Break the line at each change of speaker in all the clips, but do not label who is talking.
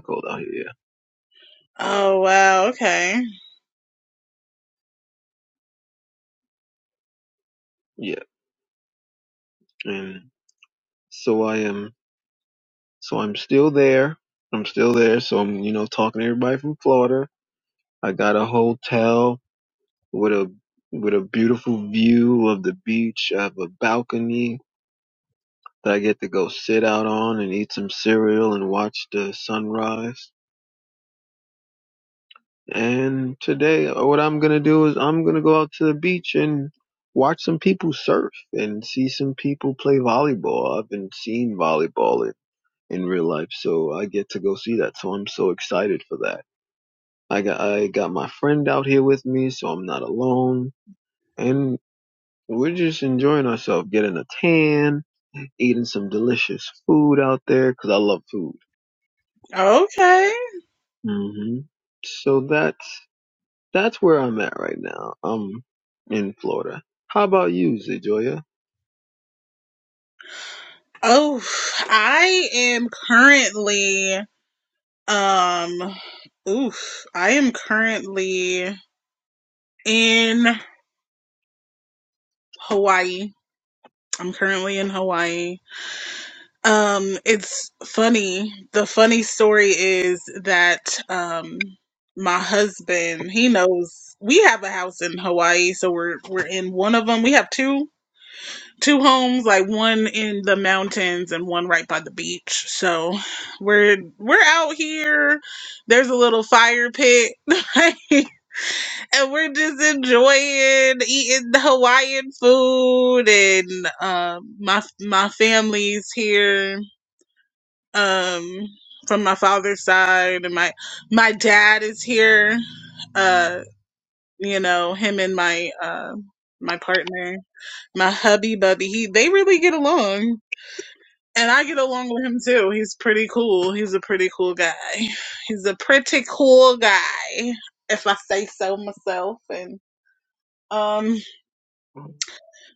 cold out here.
Oh wow, okay.
Yeah. Yeah. And so I am so I'm still there. I'm still there. So I'm, you know, talking to everybody from Florida. I got a hotel with a with a beautiful view of the beach. I have a balcony that I get to go sit out on and eat some cereal and watch the sunrise. And today uh, what I'm gonna do is I'm gonna go out to the beach and watch some people surf and see some people play volleyball. I've been seeing volleyball in real life. So I get to go see that. So I'm so excited for that. I got I got my friend out here with me, so I'm not alone. And we're just enjoying ourselves, getting a tan, eating some delicious food out there, 'cause I love food.
Okay.
hmm So that's that's where I'm at right now. I'm in Florida. How about you, Zejoya?
Oh, I am currently um oof, I am currently in Hawaii. I'm currently in Hawaii. Um it's funny. The funny story is that um my husband, he knows we have a house in Hawaii, so we're we're in one of them. We have two two homes, like one in the mountains and one right by the beach. So we're we're out here. There's a little fire pit, right? and we're just enjoying eating the Hawaiian food. And um, my my family's here um, from my father's side, and my my dad is here. Uh, you know him and my uh, my partner, my hubby, bubby. He they really get along And I get along with him too. He's pretty cool. He's a pretty cool guy. He's a pretty cool guy, if I say so myself. And um,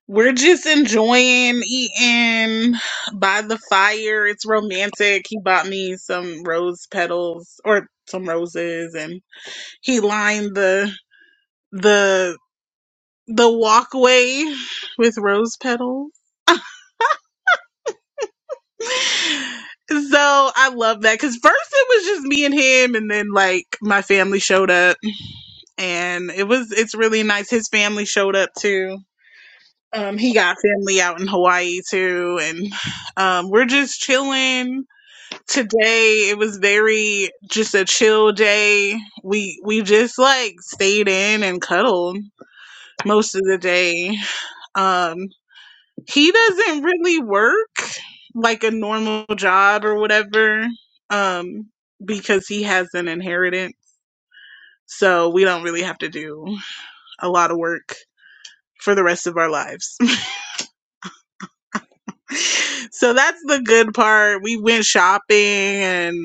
we're just enjoying eating by the fire. It's romantic. He bought me some rose petals or some roses, and he lined the the the walkway with rose petals. So I love that because first it was just me and him, and then like my family showed up, and it was it's really nice. His family showed up too. Um, he got family out in Hawaii too, and um, we're just chilling. Today it was very just a chill day. We we just like stayed in and cuddled most of the day. Um, he doesn't really work like a normal job or whatever um because he has an inheritance so we don't really have to do a lot of work for the rest of our lives so that's the good part we went shopping and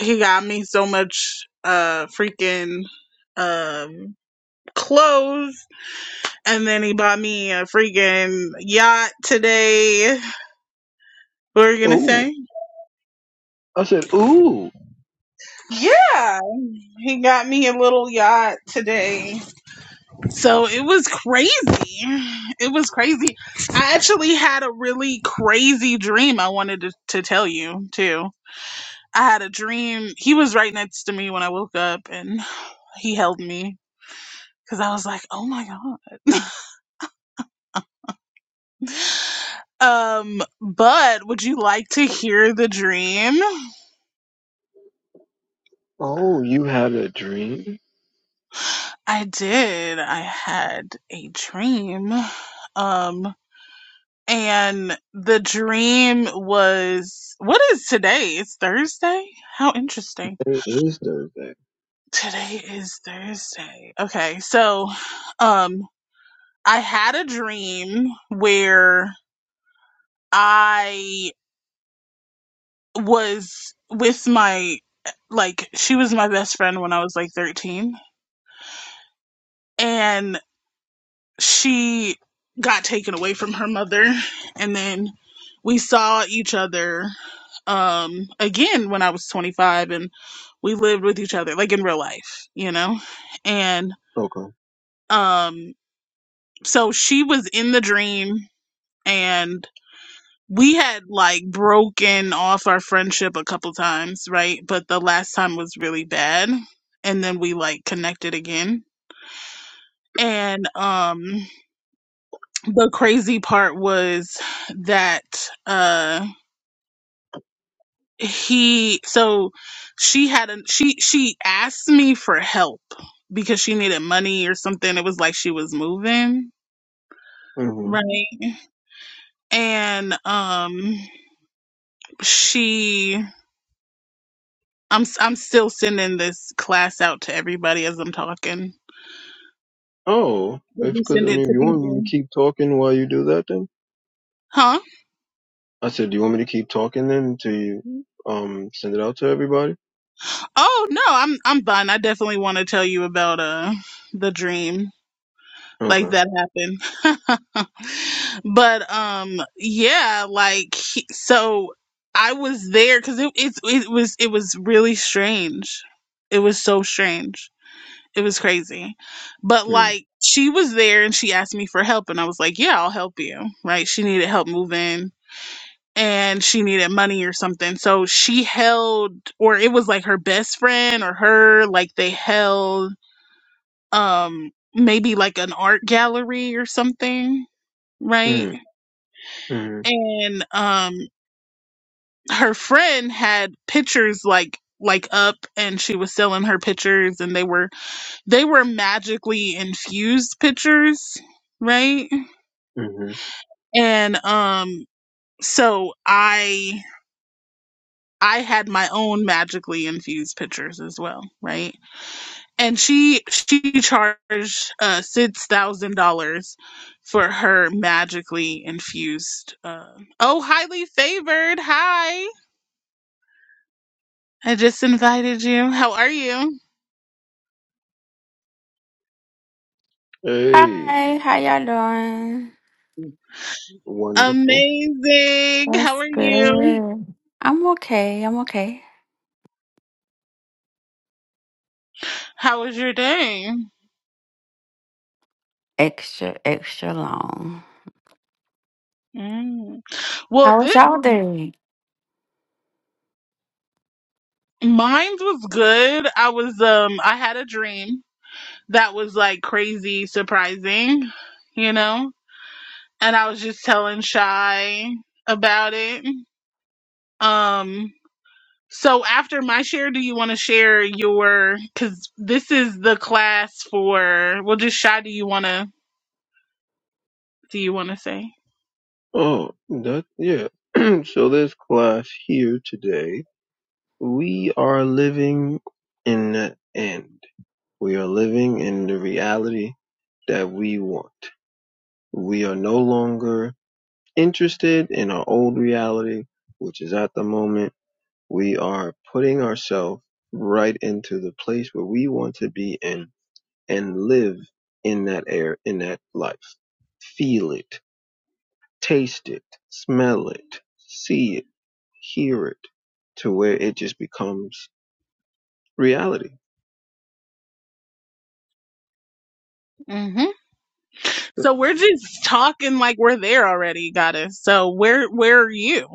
he got me so much uh freaking um clothes and then he bought me a freaking yacht today what were you gonna
Ooh.
say
I said, ooh.
yeah He got me a little yacht today. So it was crazy. It was crazy. I actually had a really crazy dream I wanted to, to tell you, too. I had a dream. He was right next to me when I woke up and he held me because I was like, oh my God. Um, but would you like to hear the dream?
Oh, you had a dream?
I did. I had a dream. Um, And the dream was what is today? It's Thursday? How interesting.
It is Thursday.
Today is Thursday. Okay, so um I had a dream where I was with my like she was my best friend when I was like 13 and. she got taken away from her mother and then we saw each other um again when I was 25 and we lived with each other like in real life, you know. And
Okay.
um so she was in the dream and we had like broken off our friendship a couple times, right? But the last time was really bad and then we like connected again. And um the crazy part was that uh he so she had a she she asked me for help because she needed money or something it was like she was moving
hmm
right and um she i'm s- i'm still sending this class out to everybody as i'm talking
Oh,
did
it's
you
because, I
send it
mean, if
to
you want me to
people
keep talking while you do that, then?
huh
I said, do you want me to keep talking then until you, um, send it out to everybody?
oh no i'm i'm done i definitely want to tell you about uh the dream like
Okay.
that happened. but um, yeah, like he- so I was there because it, it it was it was really strange. It was so strange. It was crazy. But
Mm-hmm.
like she was there and she asked me for help and I was like, yeah, I'll help you. Right? She needed help moving and she needed money or something. So she held or it was like her best friend or her like they held um maybe like an art gallery or something right
Mm-hmm.
and um her friend had pictures like like up and she was selling her pictures and they were they were magically infused pictures right
Mm-hmm.
and um so i i had my own magically infused pictures as well right and she she charged uh six thousand dollars for her magically infused uh oh highly favored hi i just invited you how are you
Hey, wonderful.
amazing how are you how was your day Mm. well this mine was good i was um i had a dream that was like crazy surprising you know and i was just telling shy about it Um, so after my share, do you want to share your? Because this is the class for. Well, just shy. Do you want to? Do you want to say?
Oh, that, yeah. so this class here today, we are living in the end. We are living in the reality that we want. We are no longer interested in our old reality, which is at the moment. We are putting ourselves right into the place where we want to be in and live in that air, in that life. Feel it, taste it, smell it, see it hear it to where it just becomes reality.
hmm So we're just talking like we're there already, goddess. So where where are you?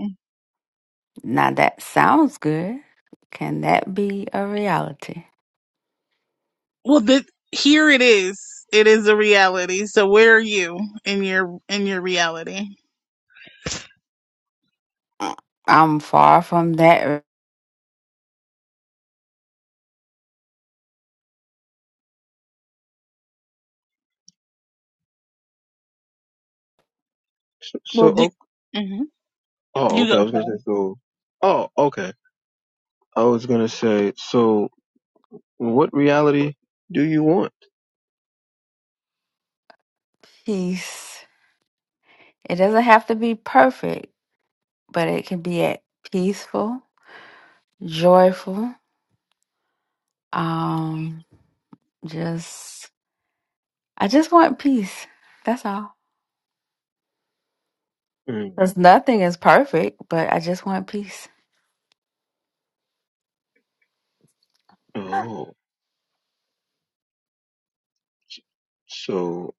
Well, this here it is. It is a reality. So where are you in your in your reality?
So, so
Well, do,
o-
hmm
oh,
you go.
okay. I was gonna say so. Oh, okay. I was gonna say so. What reality do you want? Mm. Oh, so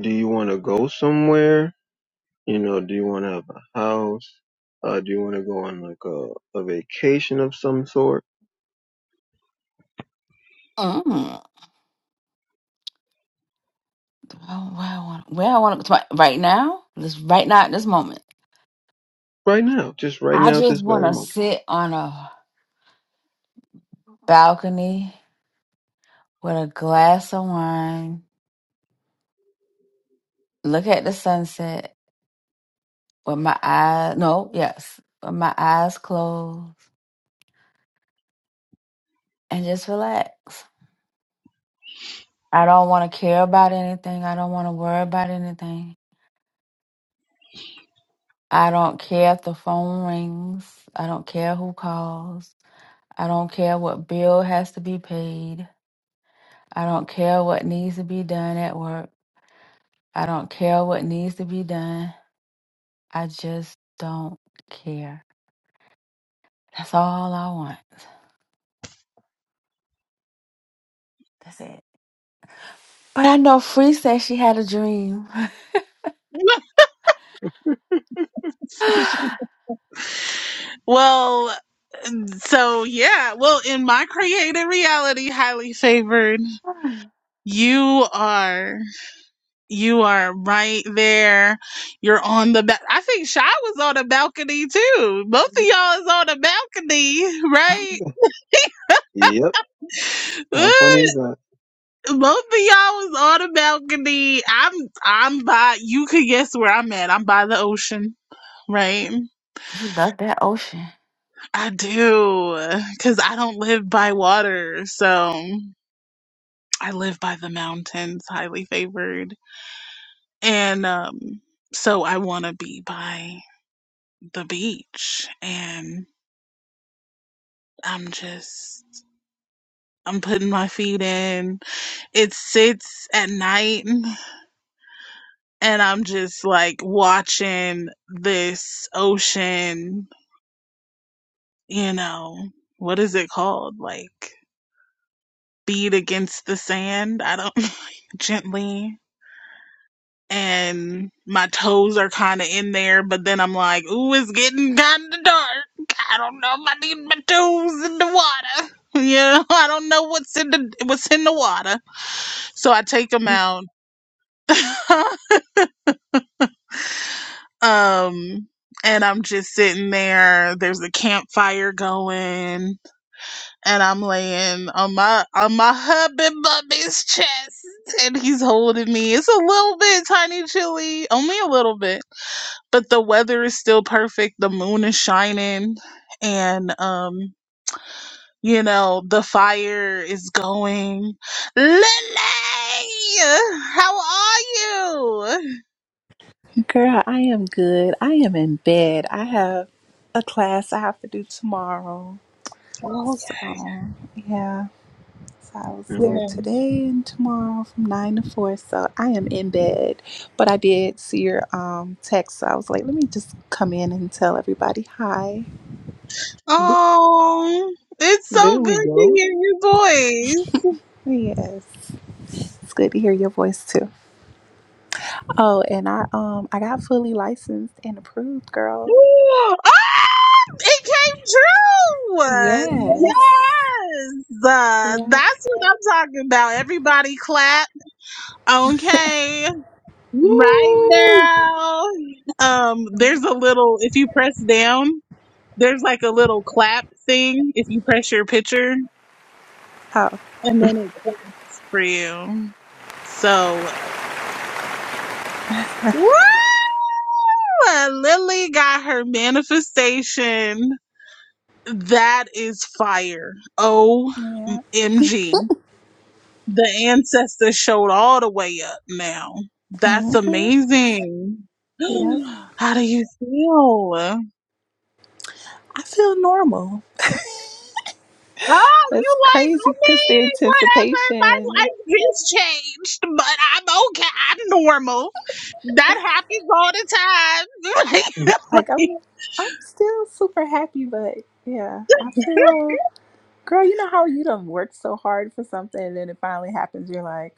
do you want to go somewhere? You know, do you want to have a house? Uh, do you want to go on like a, a vacation of some sort? Right now, just right now at this very moment.
Well, so yeah. Well, in my creative reality, highly favored, you are. You are right there. You're on the ba- I think Shy was on the balcony too. Both of y'all is on the balcony, right?
Yep. How funny
Ooh,
is that?
Both of y'all was on the balcony. I'm I'm by you could guess where I'm at. I'm by the ocean, right? I do. Cause I don't live by water, so I live by the mountains, highly favored. And um so I wanna be by the beach and I'm just I'm putting my feet in. It sits at night and I'm just like watching this ocean, you know, what is it called? Like beat against the sand. I don't know, gently and my toes are kind of in there, but then I'm like, ooh, it's getting kind of dark. I don't know if I need my toes in the water. You know, I don't know what's in the what's in the water So I take them out. um and I'm just sitting there. There's a campfire going, and I'm laying on my on my hubby bubby's chest, and he's holding me. It's a little bit tiny chilly, only a little bit, but the weather is still perfect. The moon is shining, and um, you know the fire is going. Lily, how are you?
Girl, I am good. I am in bed. I have a class I have to do tomorrow. So,
Okay.
yeah. So I was
Mhm.
there
Yeah.
today and tomorrow from 9 to 4. So I am in bed. But I did see your um text. So I was like, let me just come in and tell everybody hi.
Th-
Oh, it's so
There we
good to
go.
hear your voice.
Oh, Yes. It's good to hear your voice too. Oh, and I um I got fully licensed and approved, girl.
Ooh, Ah, it came true.
Yes.
Yes. Uh,
Yeah.
that's what I'm talking about. Everybody clap. Okay. Right
Woo!
now. Um,
yeah.
there's a little, if you press down, there's like a little clap thing if you press your picture
Oh,
and then it claps for you. So, woo! But Lily got her manifestation. That is fire.
yeah.
OMG. The ancestors showed all the way up now. That's amazing.
Yeah,
How do you feel?
I feel normal.
Oh, you
That's
like, I
crazy because the
mean, whatever. My
anticipation,
life is changed, but I'm okay. I'm normal. That happens all the
like
time.
I'm, I'm still super happy, but yeah, I feel, girl, you know how you done worked so hard for something and then it finally happens, you're like,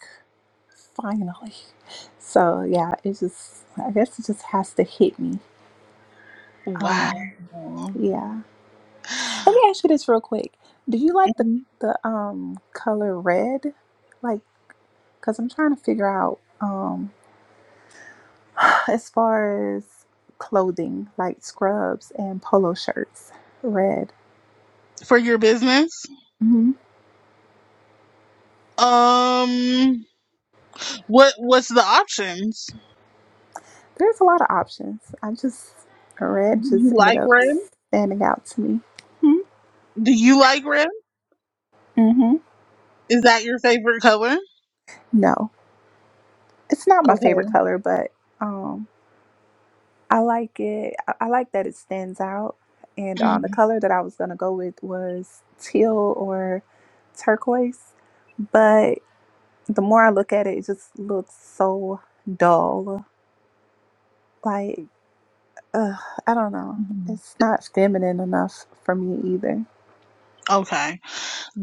finally. So yeah, it just, I guess it just has to hit me. Um, yeah. Let me ask you this real quick. Do you like the
wow.
the um color red? Like, cause I'm trying to figure out. um. As far as clothing, like scrubs and polo shirts, red.
for your business.
hmm
Um, what what's the options?
There's a lot of options. I just,
Do
red just
you
ended
like
up
red?
standing out to me.
Do you like red?
Mm-hmm.
Is that your favorite color?
No, it's not my
Okay.
favorite color, but um, I like it. I, I like that it stands out. And um, the color that I was gonna go with was teal or turquoise, but the more I look at it, it just looks so dull. Like Ugh, I don't know.
hmm
It's not feminine enough for me either.
Okay.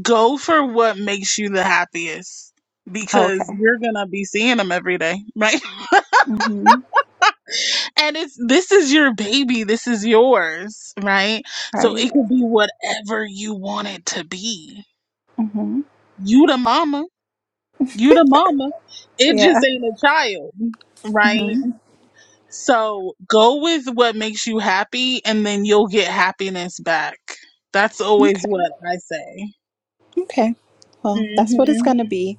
Go for what makes you the happiest
Oh,
because
okay.
you're gonna be seeing them every day, right?
Mm-hmm.
And it's this is your baby, this is yours, right? So
Right.
it could be whatever you want it to be.
Mm-hmm.
You the mama, you the mama. It just
Yeah.
ain't a child, right?
Mm-hmm.
So go with what makes you happy, and then you'll get happiness back. That's always
Okay.
what I say.
Okay. Well, that's what it's
Mhm.
gonna be.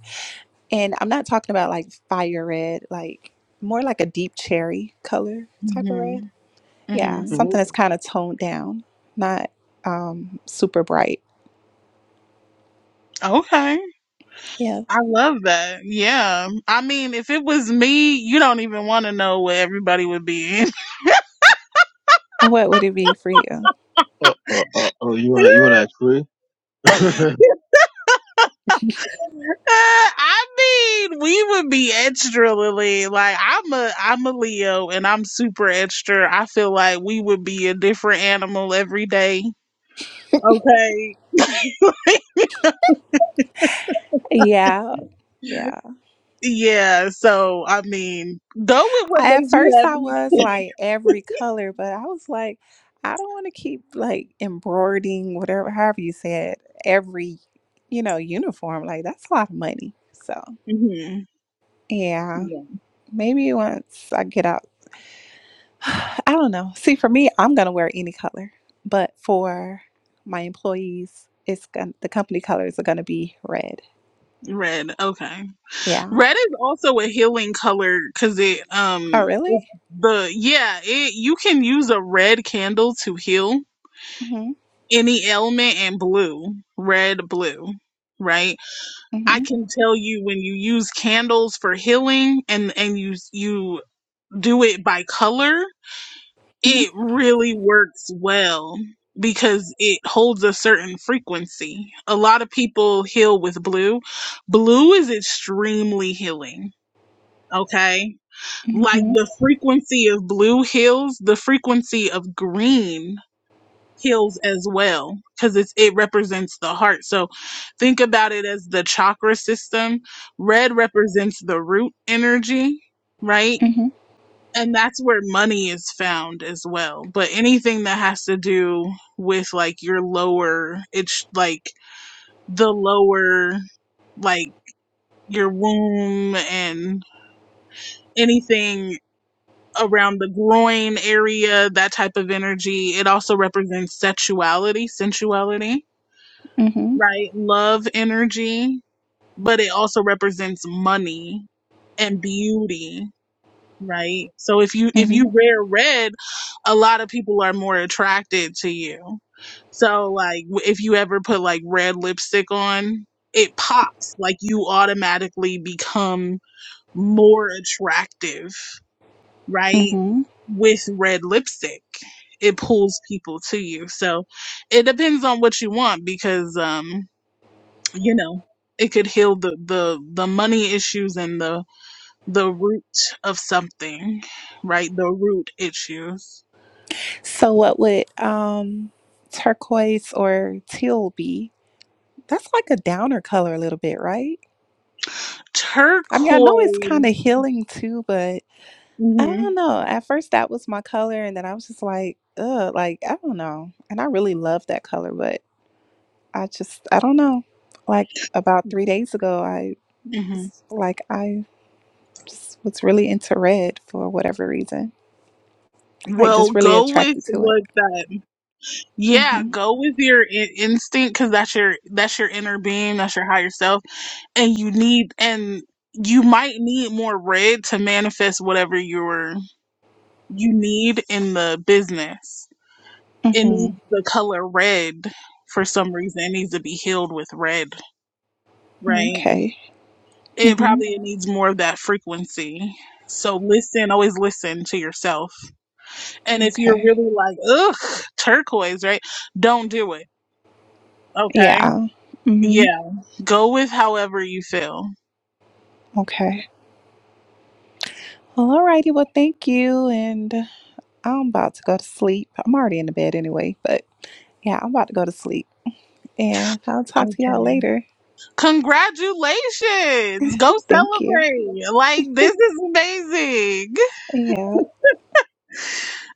And I'm not talking about like fire red, like more like a deep cherry color type of red.
Mhm.
Yeah,
Mhm.
something that's
Oh,
kind of toned down, not um super bright.
Okay.
Yeah.
I love that. Yeah. I mean, if it was me, you don't even want to know where everybody would be. in.
And What would it be for you?
uh, uh, uh, oh, you want you want to act free?
I mean, we would be extra, Lily. Like I'm a I'm a Leo, and I'm super extra. I feel like we would be a different animal every day. Okay.
Yeah. Yeah.
Yeah, so I mean, go with what
I, at
makes you
first, I was
happy.
like every color, but I was like, I don't want to keep like embroidering whatever, however you said, every, you know, uniform. Like that's a lot of money. So
hmm
yeah,
Yeah.
maybe once I get out, I don't know. See, for me, I'm gonna wear any color, but for my employees, it's gonna, the company colors are gonna be red.
Red. Okay.
Yeah.
Red is also a healing color because it
Oh,
um
really?
the yeah it you can use a red candle to heal
Mhm.
any ailment and blue red blue right i
Mhm.
can tell you when you use candles for healing and and you you do it by color
Mhm.
It really works well because it holds a certain frequency. A lot of people heal with blue. Blue is extremely healing. Okay. Like
Mhm.
the frequency of blue heals, the frequency of green heals as well because it's it represents the heart. So think about it as the chakra system. Red represents the root energy, right?
Mhm.
and that's where money is found as well but anything that has to do with like your lower it's like the lower like your womb and anything around the groin area that type of energy it also represents sexuality sensuality
Mhm.
right love energy but it also represents money and beauty right? So if you if you
Mhm.
wear red, a lot of people are more attracted to you. So like w- if you ever put like red lipstick on, it pops like you automatically become more attractive, right?
Mhm.
With red lipstick. It pulls people to you. So it depends on what you want because um you know, it could heal the the the money issues and the the root of something, right? The root issues.
So what would um turquoise or teal be? That's like a downer color a little bit, right? I mean, I know it's
Turquoise
kind of healing too, but I
hmm
don't know. At first that was my color and then I was just like, ugh, like I don't know. And I really love that color, but I just I don't know. Like about three days ago I
hmm
was like I just was really into red for whatever reason. Like
Well,
just really
go with
attracted to it.
what that. Yeah,
Mm-hmm.
go with your in- instinct because that's your that's your inner being, that's your higher self, and you need and you might need more red to manifest whatever you're you need in the business. It
Mm-hmm.
needs the color red for some reason. It needs to be healed with red,
Mm-hmm.
right?
Okay.
It
Mm-hmm.
probably needs more of that frequency. So listen, always listen to yourself. And if you're
Okay.
really like, ugh, turquoise, right? Don't do it. Okay.
Yeah. hmm
Yeah. Go with however you feel.
Okay. Well, alrighty. Well, thank you. And I'm about to go to sleep. I'm already in the bed anyway, but yeah, I'm about to go to sleep. And I'll talk to y'all
Okay.
later.
Congratulations. Go
Thank you.
celebrate. Like, this is amazing.
Yeah.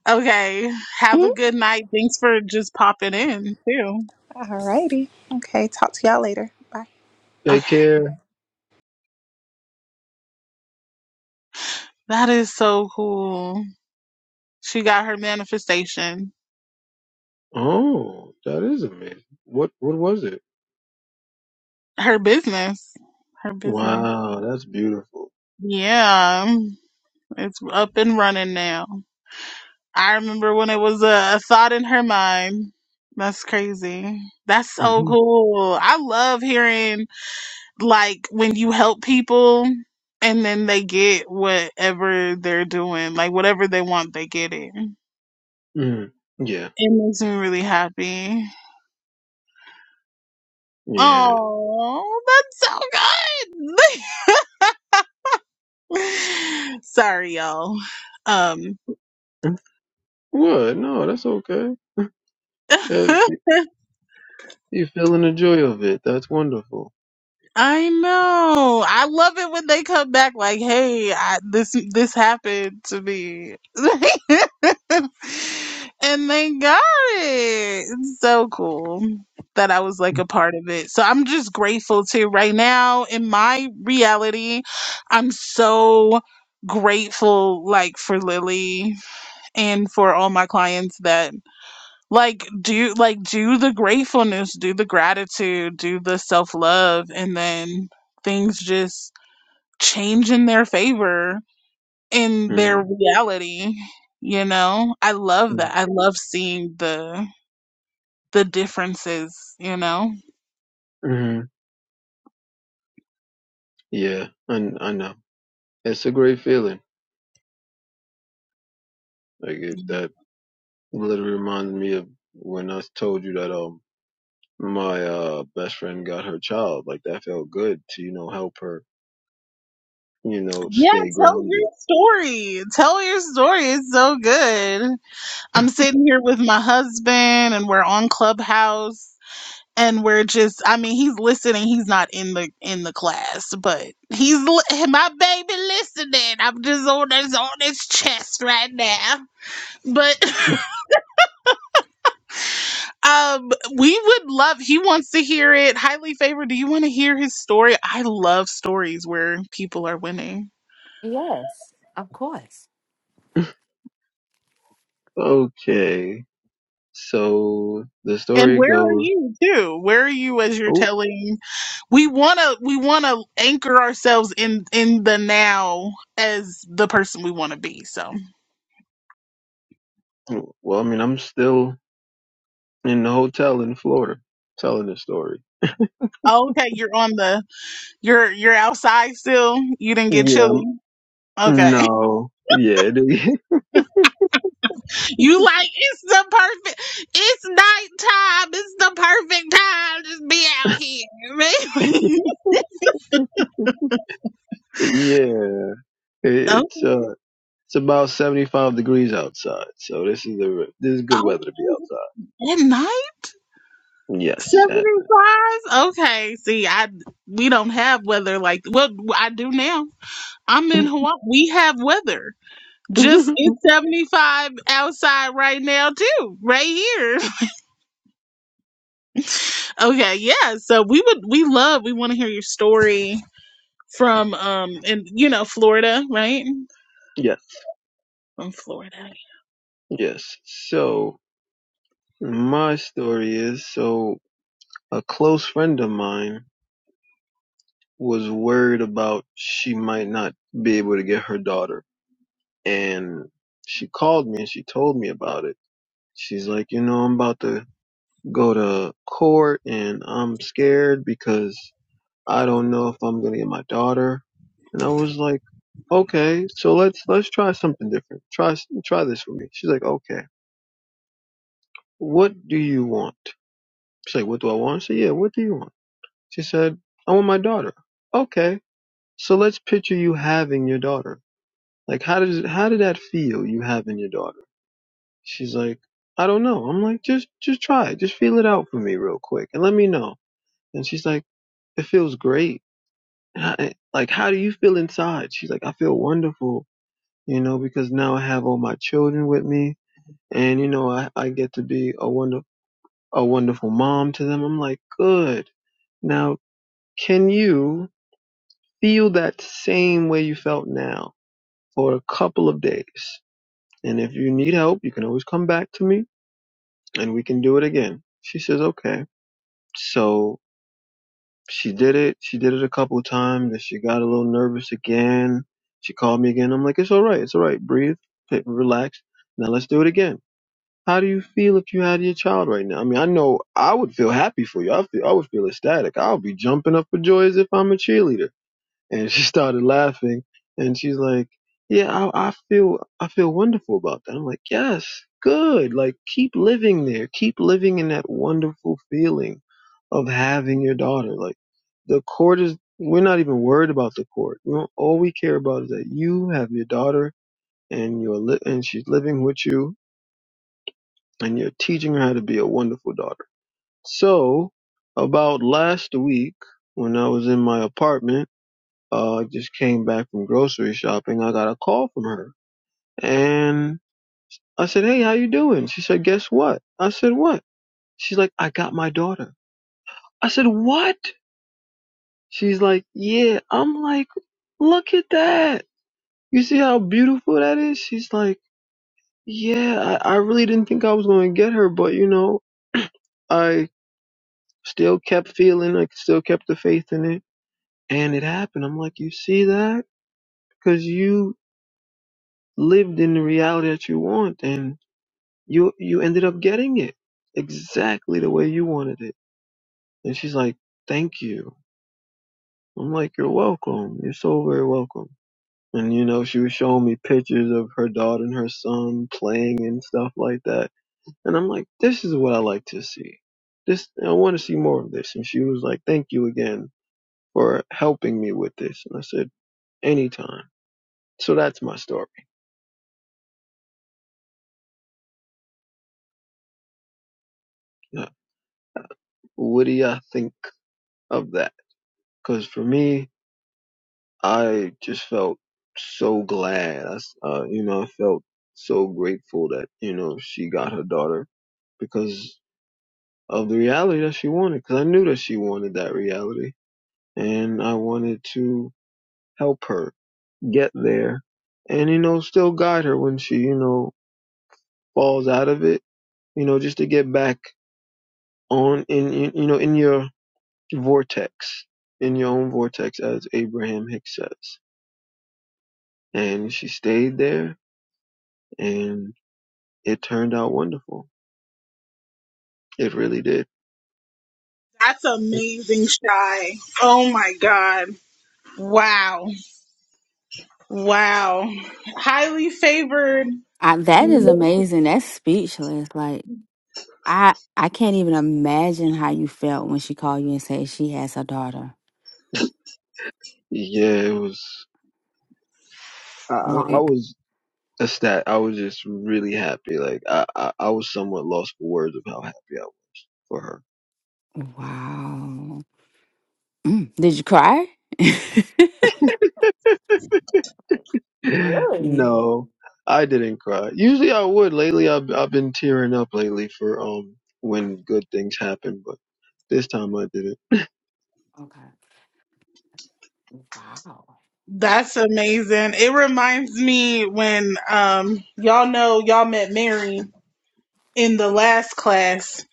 Okay. Have
Mhm.
a good night. Thanks for just popping in, too.
Alrighty. Okay. Talk to y'all later. Bye.
Take
Okay.
care.
That is so cool. She got her manifestation.
Oh, that is amazing. What what was it?
her business. Her business.
Wow, that's beautiful.
Yeah. It's up and running now. I remember when it was a, a thought in her mind. That's crazy. That's so
hmm
cool. I love hearing like when you help people and then they get whatever they're doing, like whatever they want, they get it.
mm Yeah,
It makes me really happy.
yeah.
Oh, that's so good. Sorry, y'all. Um
Mm. What? No, that's okay. That, you're feeling the joy of it. That's wonderful.
I know. I love it when they come back like, "Hey, I, this this happened to me," and they got it. It's so cool that I was like
mm
a part of it. So I'm just grateful to right now in my reality. I'm so grateful like for Lily and for all my clients that like do like do the gratefulness do the gratitude do the self-love and then things just change in their favor in their
mm
reality you know i love that i love seeing the the differences you know
mm Yeah, I, I know. It's a great feeling. Like it, that literally reminds me of when I told you that. um, my uh best friend got her child. Like that felt good to, you know, help her, you know,
yeah
stay
tell
grounded.
your story tell your story it's so good i'm sitting here with my husband and we're on clubhouse and we're just i mean he's listening he's not in the in the class but he's li- my baby listening i'm just on his on his chest right now but um we would love he wants to hear it highly favored do you want to hear his story i love stories where people are winning
Okay. So the
and
story
where are
goes,
you too where are you as you're
oh,
telling we want to we want to anchor ourselves in in the now as the person we want to be so
well, I mean, I'm still in the hotel in Florida telling the story.
okay you're on the You're you're outside still? You didn't get
Yeah,
chilly?
I'm,
Okay.
no. Yeah, it-
You like it's the perfect it's nighttime. It's the perfect time to be out here. Really?
yeah.
oh,
It's uh it's about 75 degrees outside. So this is the this is good weather to be
oh
outside.
at night?
Yes, at
Seventy five? Okay. See, I we don't have weather like well I do now. I'm in
night.
Hawaii. We have weather. Just it's seventy five outside right now too, right here. Okay, yeah. So we would we love we want to hear your story from um and you know Florida, right?
yes.
From Florida.
Yes. So. My story is so a close friend of mine was worried about she might not be able to get her daughter. And she called me and she told me about it. She's like, you know, I'm about to go to court and I'm scared because I don't know if I'm going to get my daughter. And I was like, okay, so let's, let's try something different. Try, try this with me. She's like, okay, what do you want? She's like, what do I want? I said, yeah, what do you want? She said, I want my daughter. Okay. So let's picture you having your daughter. Like how does how did that feel you having your daughter? She's like, I don't know. I'm like, just just try it. Just feel it out for me real quick and let me know. And she's like, it feels great. And I, like how do you feel inside? She's like, I feel wonderful, you know, because now I have all my children with me and you know, I I get to be a wonder a wonderful mom to them. I'm like, good. Now, can you feel that same way you felt now for a couple of days. And if you need help, you can always come back to me and we can do it again. She says, okay. So she did it. She did it a couple of times and she got a little nervous again. She called me again. I'm like, it's all right. It's all right. Breathe, Take- relax. Now let's do it again. How do you feel if you had your child right now? I mean, I know I would feel happy for you. I feel, I would feel ecstatic. I would be jumping up for joy as if I'm a cheerleader And she started laughing and she's like, yeah, I, I feel, I feel wonderful about that. I'm like, yes, good. Like keep living there. Keep living in that wonderful feeling of having your daughter. Like the court is, we're not even worried about the court. We don't, all we care about is that you have your daughter and you're li- and she's living with you and you're teaching her how to be a wonderful daughter. So about last week when I was in my apartment, uh, just came back from grocery shopping. I got a call from her, and I said, "Hey, how you doing?" She said, "Guess what?" I said, "What?" She's like, "I got my daughter." I said, "What?" She's like, "Yeah." I'm like, "Look at that! You see how beautiful that is?" She's like, "Yeah, I, I really didn't think I was going to get her, but you know, I still kept feeling, I still kept the faith in it, and it happened." I'm like, "You see that? Because you." lived in the reality that you want and..." you you ended up getting it exactly the way you wanted it and she's like thank you i'm like you're welcome you're so very welcome and you know she was showing me pictures of her daughter and her son playing and stuff like that and i'm like this is what i like to see this i want to see more of this and she was like thank you again for helping me with this and i said anytime so that's my story Uh, what do you all think of that because for me I just felt so glad. I s uh, you know, I felt so grateful that, you know, she got her daughter because of the reality that she wanted. Because I knew that she wanted that reality. And I wanted to help her get there and, you know, still guide her when she, you know, falls out of it, you know, just to get back on in, in you know, in your vortex, in your own vortex, as Abraham Hicks says. And she stayed there and. It turned out wonderful. It really did.
That's amazing, Shy. Oh my God. Wow. Wow. Highly favored.
Yeah, it was. I, I I was ecstatic. I was just really happy. Like I, I, I was somewhat lost for words of how happy I was for her. no, I didn't cry. Usually I would. Lately I've I've been tearing up lately for um when good things happen, but this time I did it.
That's amazing. It reminds me when um y'all know y'all met Mary in the last class.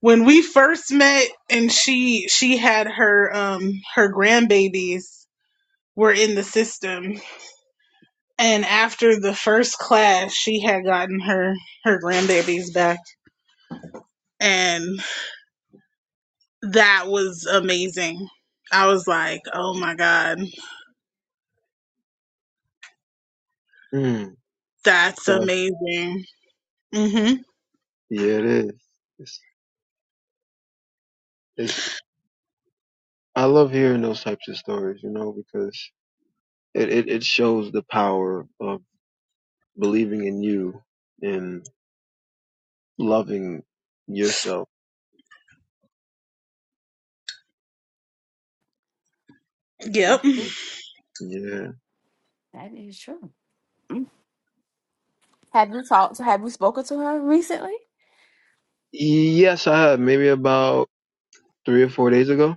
When we first met and she she had her um her grandbabies were in the system And after the first class, she had gotten her her grandbabies back, and that was amazing. I was like, "Oh my god,
Mm,
that's
dog.
amazing." Mhm.
yeah, it is. It's, it's I love hearing those types of stories, you know, because it, it, it shows the power of believing in you and loving yourself.
Yep.
Yeah. Yes, I have. Maybe about three or four days ago.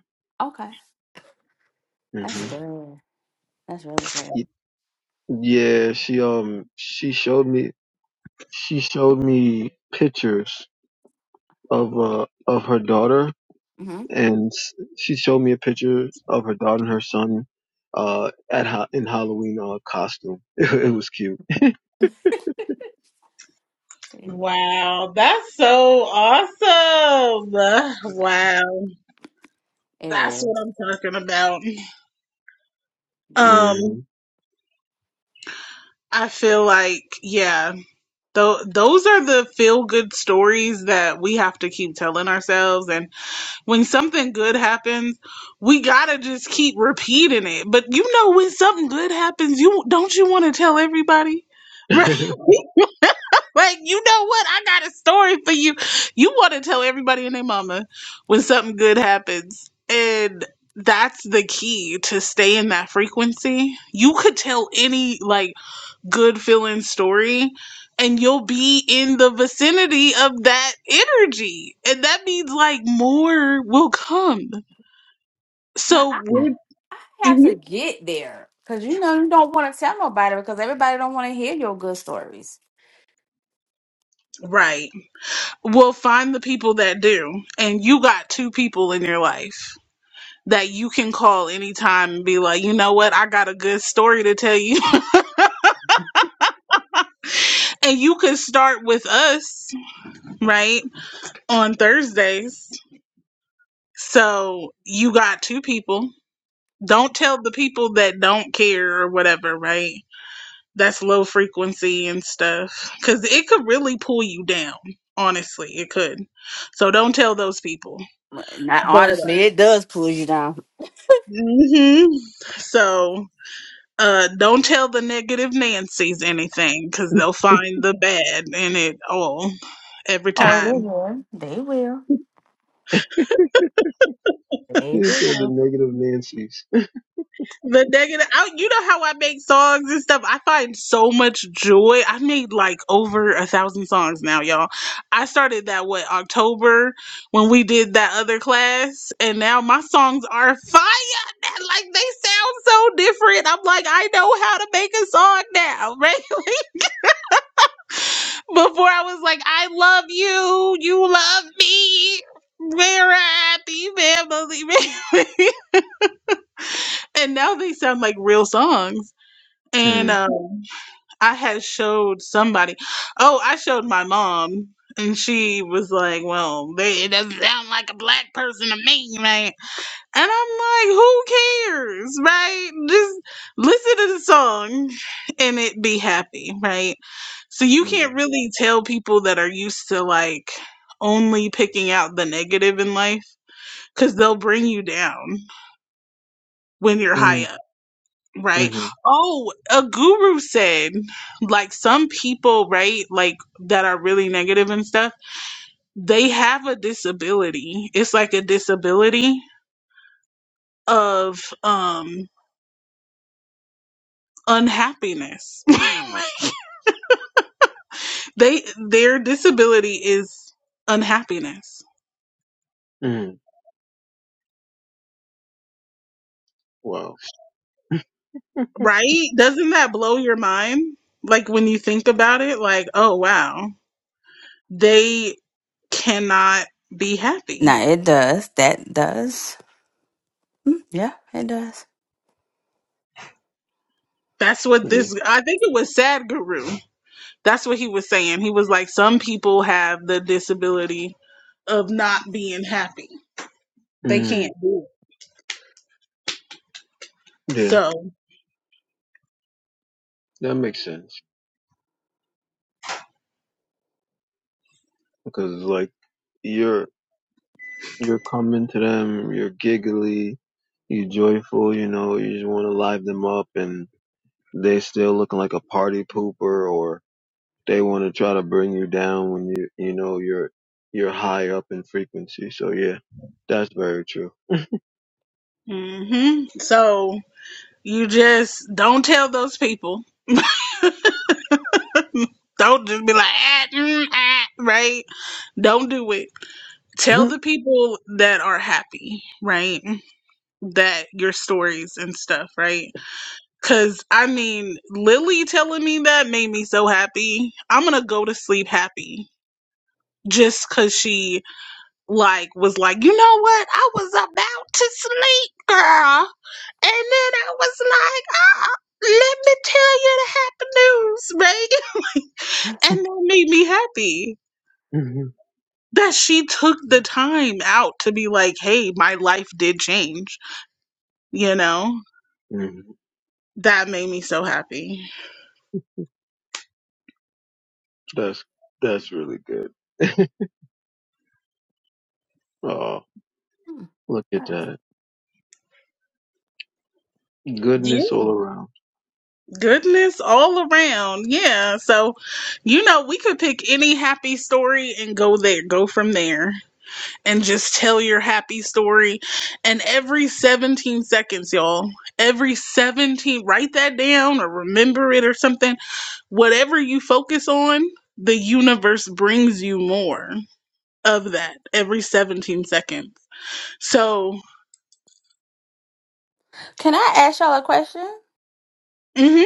hmm Yeah, she um she showed me she showed me pictures of uh of her daughter and s- she showed me a picture of her daughter and her son uh at ha- in Halloween uh costume. It, was cute.
Wow, that's so awesome. Wow, that's what I'm talking about. Um,
hmm
I feel like yeah, th- those are the feel good stories that we have to keep telling ourselves and When something good happens, we gotta just keep repeating it. But you know, when something good happens, you don't you want to tell everybody, right? like you know what? I got a story for you. You want to tell everybody and their mama when something good happens, and that's the key to stay in that frequency. You could tell any like good feeling story and you'll be in the vicinity of that energy and that means like more will come so we're Mhm. right we'll find the people that do and you got two people in your life that you can call anytime and be like you know what i got a good story to tell you and you can start with us right on thursdays so you got two people Don't tell the people that don't care or whatever, right? That's low frequency and stuff. Because it could really pull you down. Honestly, it could. So don't tell those people. But, hmm so uh, don't tell the negative Nancy's anything because they'll find the bad in it all every time.
she said the negative Nancy's.
The negative, I, you know how I make songs and stuff. I find so much joy. I made like over a thousand songs now, y'all. I started that what October when we did that other class, and now my songs are fire. Like they sound so different. I'm like, I know how to make a song now, right? Before I was like, I love you, you love me, we're a happy family, and now they sound like real songs. And
Mm-hmm.
um. I had showed somebody. Oh, I showed my mom, and she was like, "Well, they, it doesn't sound like a black person to me, man." And I'm like, "Who cares, right? Just listen to the song, and it be happy, right?" So you can't really tell people that are used to like only picking out the negative in life because they'll bring you down when you're high up
Mm-hmm.
Right. Oh, a guru said, like some people, right, like that are really negative and stuff, they have a disability. It's like a disability of um unhappiness. they their disability is unhappiness.
Mm-hmm. Wow.
Right? Doesn't that blow your mind? Like when you think about it, like, oh wow, they cannot be happy. That's what
Yeah.
this I think it was Sad Guru. That's what he was saying. He was like, some people have the disability of not being happy. They
Mm.
can't do it.
Yeah.
So,
That makes sense because like you're you're coming to them, you're giggly, you're joyful, you know, you just want to live them up, and they still looking like a party pooper, or they want to try to bring you down when you you know you're you're high up in frequency. So yeah, that's very true.
hmm so you just don't tell those people. Don't just be like, ah, mm, ah, right? Don't do it. Tell
hmm
the people that are happy, right? That your stories and stuff, right? Because, I mean, Lily telling me that made me so happy. I'm going to go to sleep happy just because she like was like, you know what? I was about to sleep, girl. And then I was like, ah, let me tell you the happy news, Megan. And that made me happy
hmm
that she took the time out to be like, hey, my life did change. You know,
hmm
that made me so happy.
That's that's really good. oh, look at that
Yeah,
goodness all around.
goodness all around. Yeah. So, you know, we could pick any happy story and go there, go from there. and just tell your happy story. And every 17 seconds, y'all, every 17, write that down or remember it or something. Whatever you focus on, the universe brings you more of that every 17 seconds. So, mhm,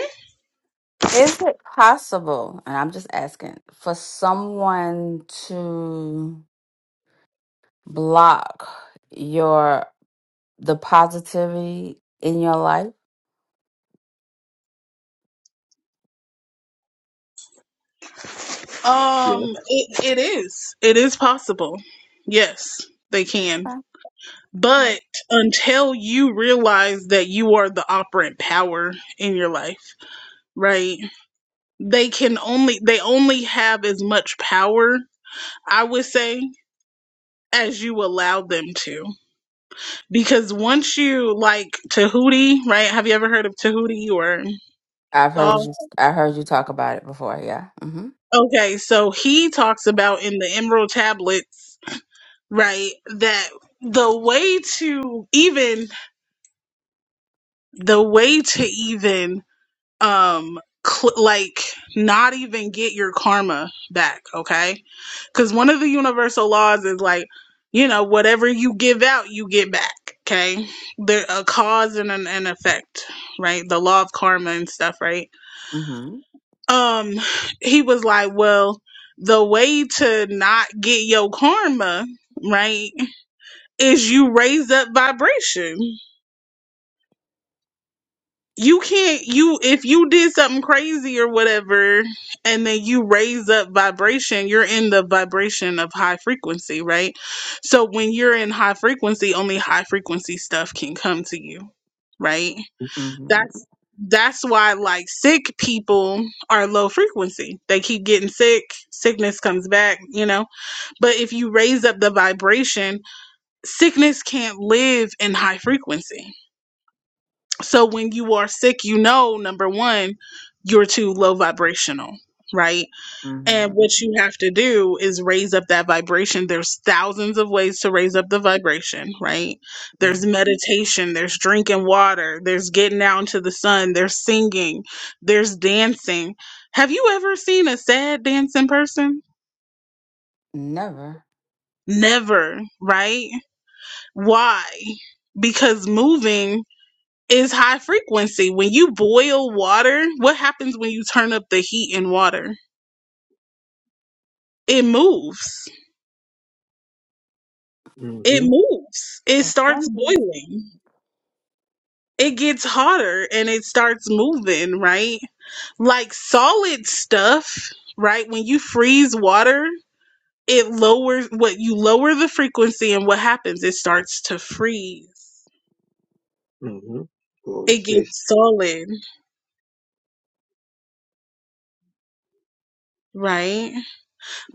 Yes.
um, it, it is, it is possible. Yes, they can. But until you realize that you are the operant power in your life, right? they can only they only have as much power i would say as you allow them to because once you like tahuti right have you ever heard of tahuti or Saul? okay so he talks about in the emerald tablets right that the way to even the way to even um cl- like not even get your karma back okay because one of the universal laws is like you know whatever you give out you get back okay there a cause and an, an effect right the law of karma and stuff right um he was like well the way to not get your karma right is you raise up vibration you can't you if you did something crazy or whatever and then you raise up vibration you're in the vibration of high frequency right so when you're in high frequency only high frequency stuff can come to you right that's that's why like sick people are low frequency they keep getting sick sickness comes back you know but if you raise up the vibration sickness can't live in high frequency so when you are sick, you know, number one, you're too low vibrational, right? And what you have to do is raise up that vibration. There's thousands of ways to raise up the vibration, right? There's meditation, there's drinking water, there's getting out into the sun, there's singing, there's dancing. Have you ever seen a sad dancing person? Never, right? Why? Because moving is high frequency. When you boil water, what happens when you turn up the heat in water? It moves.
hmm
It moves. It starts boiling. It gets hotter and it starts moving, right? Like solid stuff, right? When you freeze water, it lowers what you lower the frequency and what happens? It starts to freeze.
hmm Golden
It
State.
gets solid, right?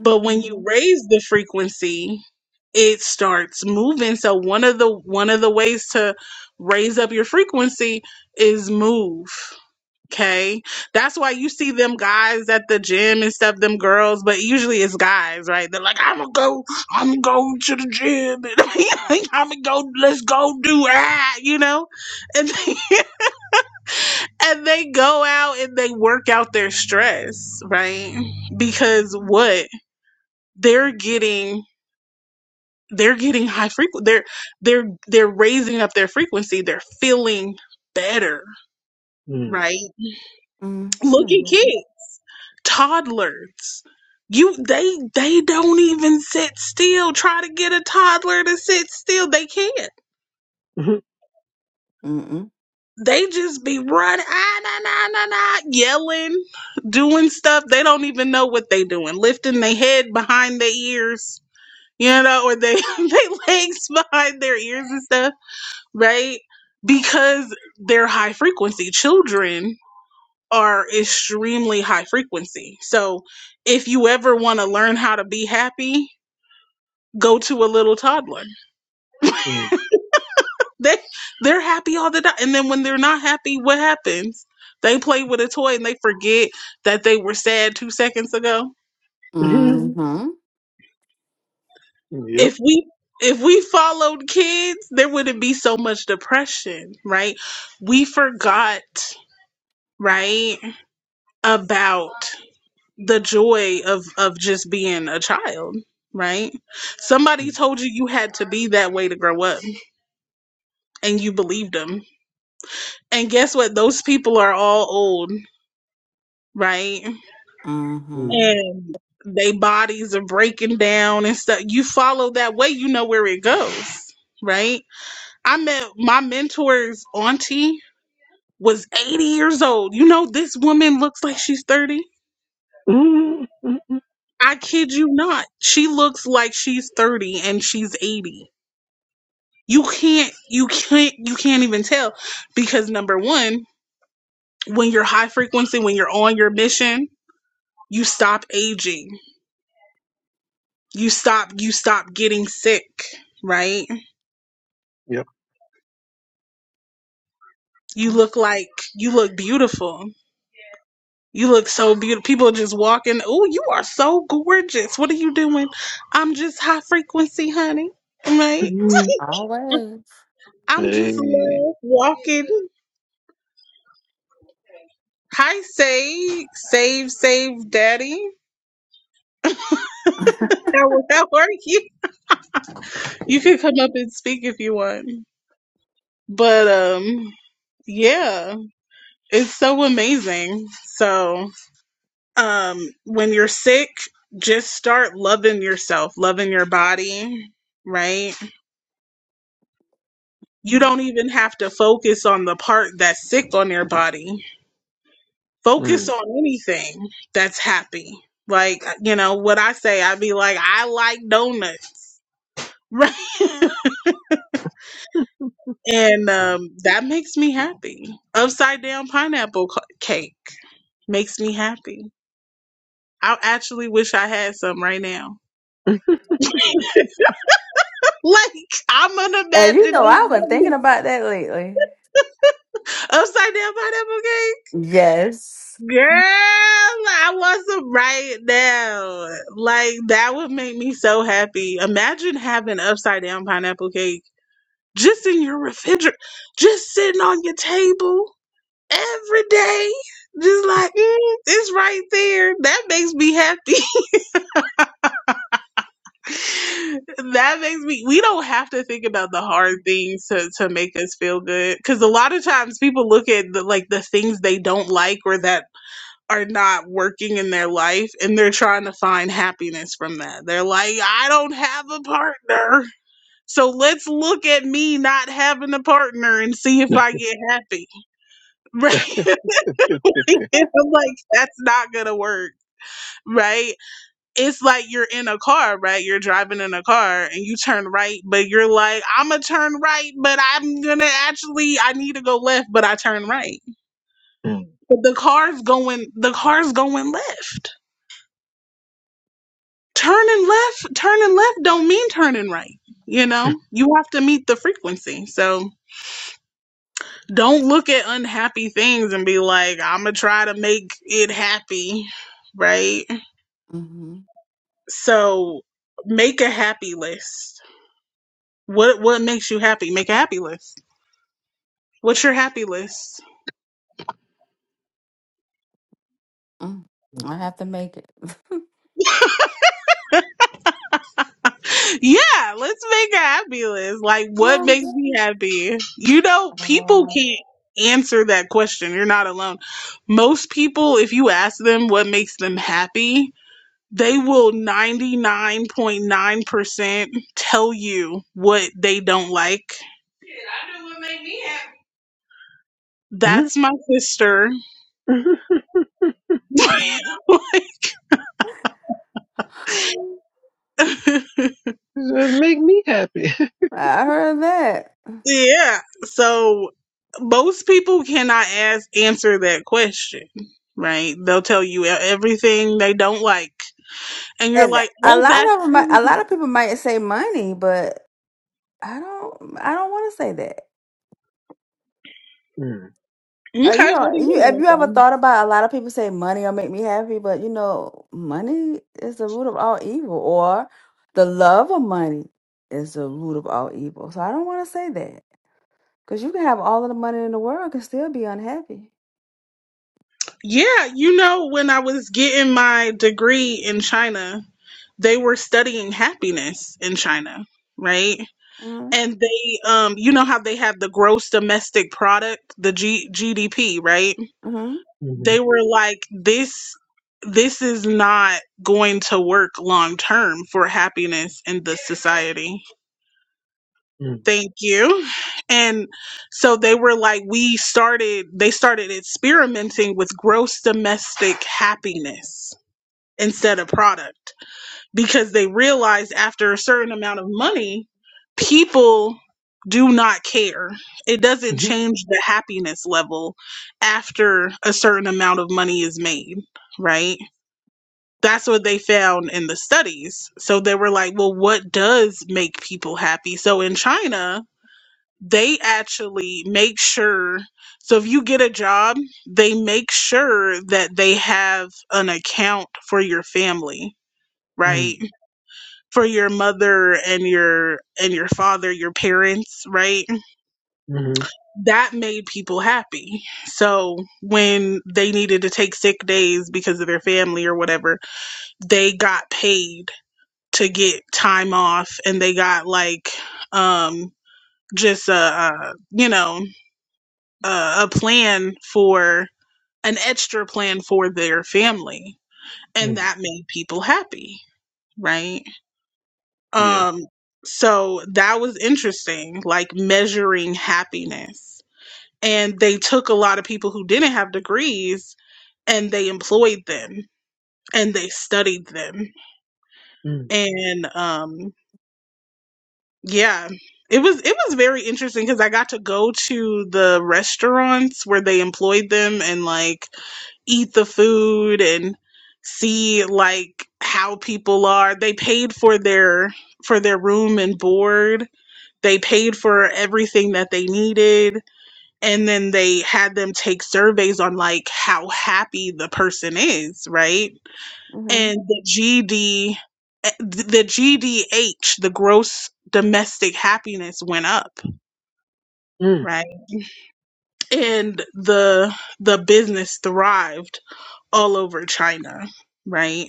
but when you raise the frequency it starts moving so one of the one of the ways to raise up your frequency is move okay that's why you see them guys at the gym and stuff them girls but usually it's guys right they're like i'm gonna go i'm gonna go to the gym and i'm gonna go let's go do that you know and they, and they go out and they work out their stress right because what they're getting they're getting high frequency they're they're they're raising up their frequency they're feeling better
Mm.
right look at kids toddlers you they they don't even sit still try to get a toddler to sit still they can't they just be running ah, nah, nah, nah, nah, yelling doing stuff they don't even know what they doing lifting their head behind their ears you know or they their legs behind their ears and stuff right? Because they're high frequency. Children are extremely high frequency. So if you ever want to learn how to be happy, go to a little toddler.
Mm.
They they're happy all the time. And then when they're not happy, what happens? They play with a toy and they forget that they were sad two seconds ago.
yep.
If we if we followed kids, there wouldn't be so much depression, right? We forgot, right, about the joy of of just being a child right somebody told you you had to be that way to grow up and you believed them and guess what those people are all old right
Mm.
and they bodies are breaking down and stuff you follow that way you know where it goes right i met my mentor's auntie was 80 years old you know this woman looks like she's 30
Mm.
i kid you not she looks like she's 30 and she's 80 you can't you can't you can't even tell because number one when you're high frequency when you're on your mission you stop aging you stop you stop getting sick right
yep.
you look like you look beautiful you look so beautiful people just walking oh you are so gorgeous what are you doing i'm just high frequency honey right
Mm.
i'm just
Hey.
love walking hi save save save daddy how, how are you You can come up and speak if you want. But um yeah, it's so amazing. So, um when you're sick, just start loving yourself, loving your body, right? You don't even have to focus on the part that's sick on your body. Focus
Mm.
on anything that's happy. Like, you know, what I say, I'd be like, I like donuts. Right. And um, that makes me happy. Upside down pineapple c- cake. Makes me happy. I actually wish I had some right now. Like I'm unimagining upside down pineapple cake. Girl, I want some right now. Like that would make me so happy. Imagine having upside down pineapple cake just in your refrigerator, just sitting on your table every day. Just like mm, it's right there. That makes me happy. that makes me we don't have to think about the hard things to, to make us feel good because a lot of times people look at the, like the things they don't like or that are not working in their life and they're trying to find happiness from that they're like i don't have a partner so let's look at me not having a partner and see if i get happy right i'm like that's not gonna work right it's like you're in a car, right? You're driving in a car and you turn right, but you're like, I'm gonna turn right, but I'm gonna actually I need to go left, but I turn right.
Mm.
But the car's going the car's going left. Turning left, turning left don't mean turning right. You know, you have to meet the frequency. So don't look at unhappy things and be like, I'm gonna try to make it happy, right? So make a happy list. What what makes you happy? Make a happy list What's your happy list? Yeah, let's make a happy list. Like, what makes me happy? You know, people can't answer that question. You're not alone. Most people, if you ask them what makes them happy, they will 99.9% tell you what they don't like.
Mm.
That's my sister.
that make me happy.
Yeah. So most people cannot ask answer that question, right? They'll tell you e- everything they don't like, and you're like, "Oh, that's cool."
Mm.
okay." What do you want to say? Yeah, you know, when I was getting my degree in China, they were studying happiness in China, right? And they, um, you know how they have the gross domestic product, the G- GDP, right?
Mhm.
they were like this this is not going to work long term for happiness in the society
Mm.
thank you and so they were like we started they started experimenting with gross domestic happiness instead of product because they realized after a certain amount of money, people do not care. It doesn't
Mhm.
change the happiness level after a certain amount of money is made, right? That's what they found in the studies. So they were like, well, what does make people happy? So in China, they actually make sure. So if you get a job, they make sure that they have an account for your family, right?
Mm.
for your mother and your and your father your parents right
Mhm.
that made people happy so when they needed to take sick days because of their family or whatever they got paid to get time off and they got like um just a, a you know a, a plan for an extra plan for their family and
Mm.
that made people happy right
Yeah.
Um, so that was interesting, like measuring happiness. And they took a lot of people who didn't have degrees and they employed them and they studied them.
Mm.
And um, yeah, it was it was very interesting because I got to go to the restaurants where they employed them and like eat the food and see like how people are. They paid for their for their room and board They paid for everything that they needed. And then they had them take surveys on like how happy the person is, right? And the GD, eh, th- the GDH, the gross domestic happiness went up,
Mm.
right? And the the business thrived all over China, right?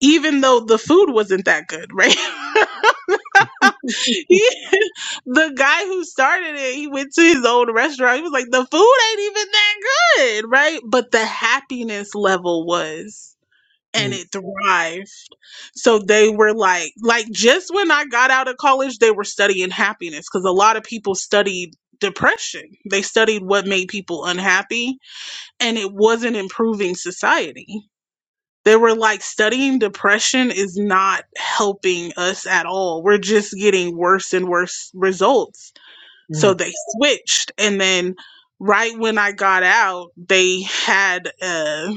Even though the food wasn't that good, right? he, the guy who started it, he went to his own restaurant. He was like, the food ain't even that good, right? But the happiness level was, and
Mm.
it thrived. So they were like, like just when I got out of college, they were studying happiness because a lot of people studied depression. They studied what made people unhappy, and it wasn't improving society they were like studying depression is not helping us at all. We're just getting worse and worse results. So
Mm.
they switched and then right when I got out, they had uh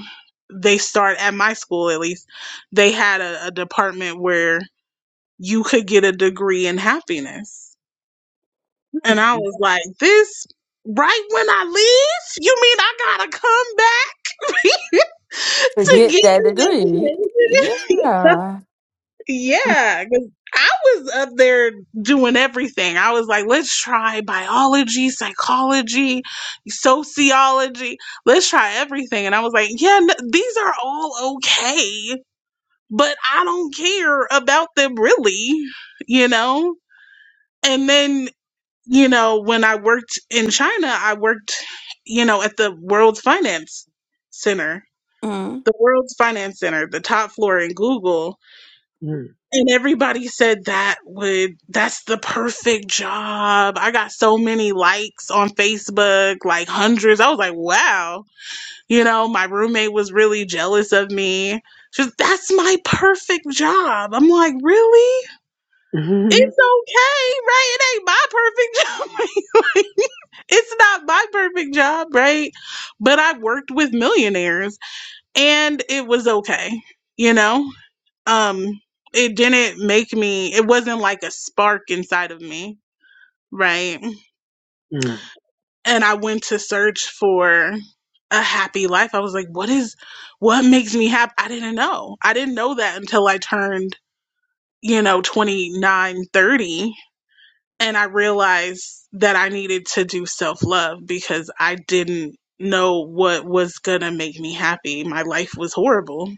they start at my school at least, they had a, a department where you could get a degree in happiness. And I was like, this right when I leave? You mean I gotta come back
Mhm.
to get this information?
Mm.
Yeah, 'cause I was up there doing everything. I was like, let's try biology, psychology, sociology. Let's try everything. And I was like, yeah, no, these are all okay, but I don't care about them really, you know? And then, you know, when I worked in China, I worked, you know, at the World Finance Center, the World's Finance Center, the top floor in Google and everybody said that would that's the perfect job. I got so many likes on Facebook, like hundreds. I was like, wow. You know, my roommate was really jealous of me. She's that's my perfect job. I'm like, really?
Mhm.
It's okay, right? It ain't my perfect job. it's not my perfect job, right? But I worked with millionaires and it was okay, you know? um it didn't make me it wasn't like a spark inside of me right
Mm.
and i went to search for a happy life i was like what is what makes me happy i didn't know i didn't know that until i turned you know 29 30, and i realized that i needed to do self love because i didn't know what was going to make me happy my life was horrible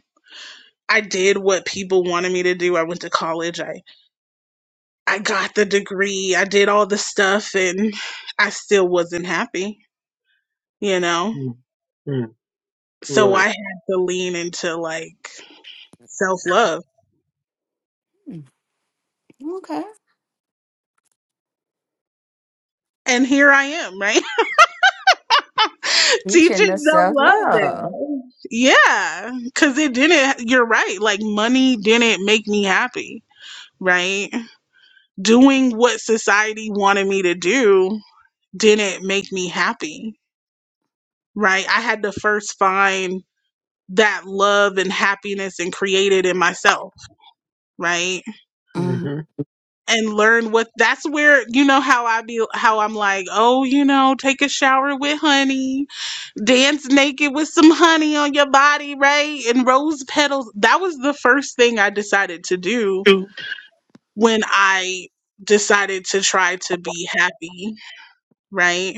i did what people wanted me to do i went to college I I got the degree, I did all the stuff, and I still wasn't happy, you know?
Mm. Mm.
So
Right.
I had to lean into like self love. And here I am, right? Teaching self love now. Yeah. Cause it didn't, you're right. Like money didn't make me happy, right? Doing what society wanted me to do didn't make me happy, right? I had to first find that love and happiness and create it in myself right
Mhm.
and learn what that's where you know how i be how i'm like oh you know take a shower with honey dance naked with some honey on your body right and rose petals that was the first thing i decided to do when i decided to try to be happy right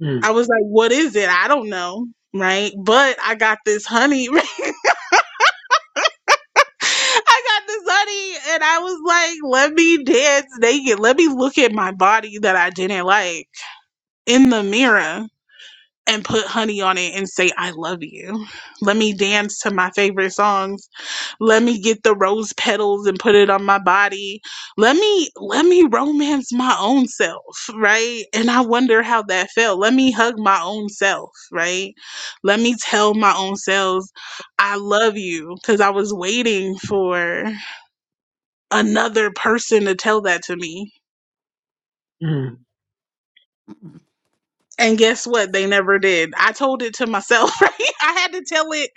Mm.
i was like what is it i don't know right but i got this honey right? I got this honey and I was like, let me dance naked. Let me look at my body that I didn't like in the mirror and put honey on it and say, I love you. Let me dance to my favorite songs. Let me get the rose petals and put it on my body. Let me, let me romance my own self, right? And I wonder how that felt. Let me hug my own self, right? Let me tell my own selves, I love you. Cause I was waiting for another person to tell that to me
Mm.
And guess what? They never did. I told it to myself, right? I had to tell it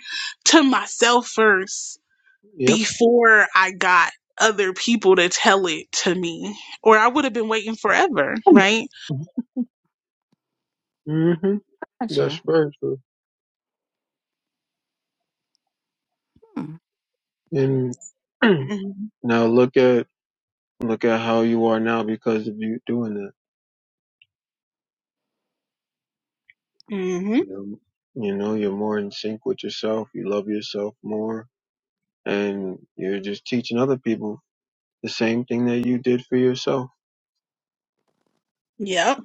to myself first
Yep.
before I got other people to tell it to me, or I would have been waiting forever, right?
Mhm. mhm. That's very true. And Now look at look at how you are now because of you doing that.
Mm-hmm.
You know, you know, you're more in sync with yourself. You love yourself more, and you're just teaching other people the same thing that you did for yourself.
Yep.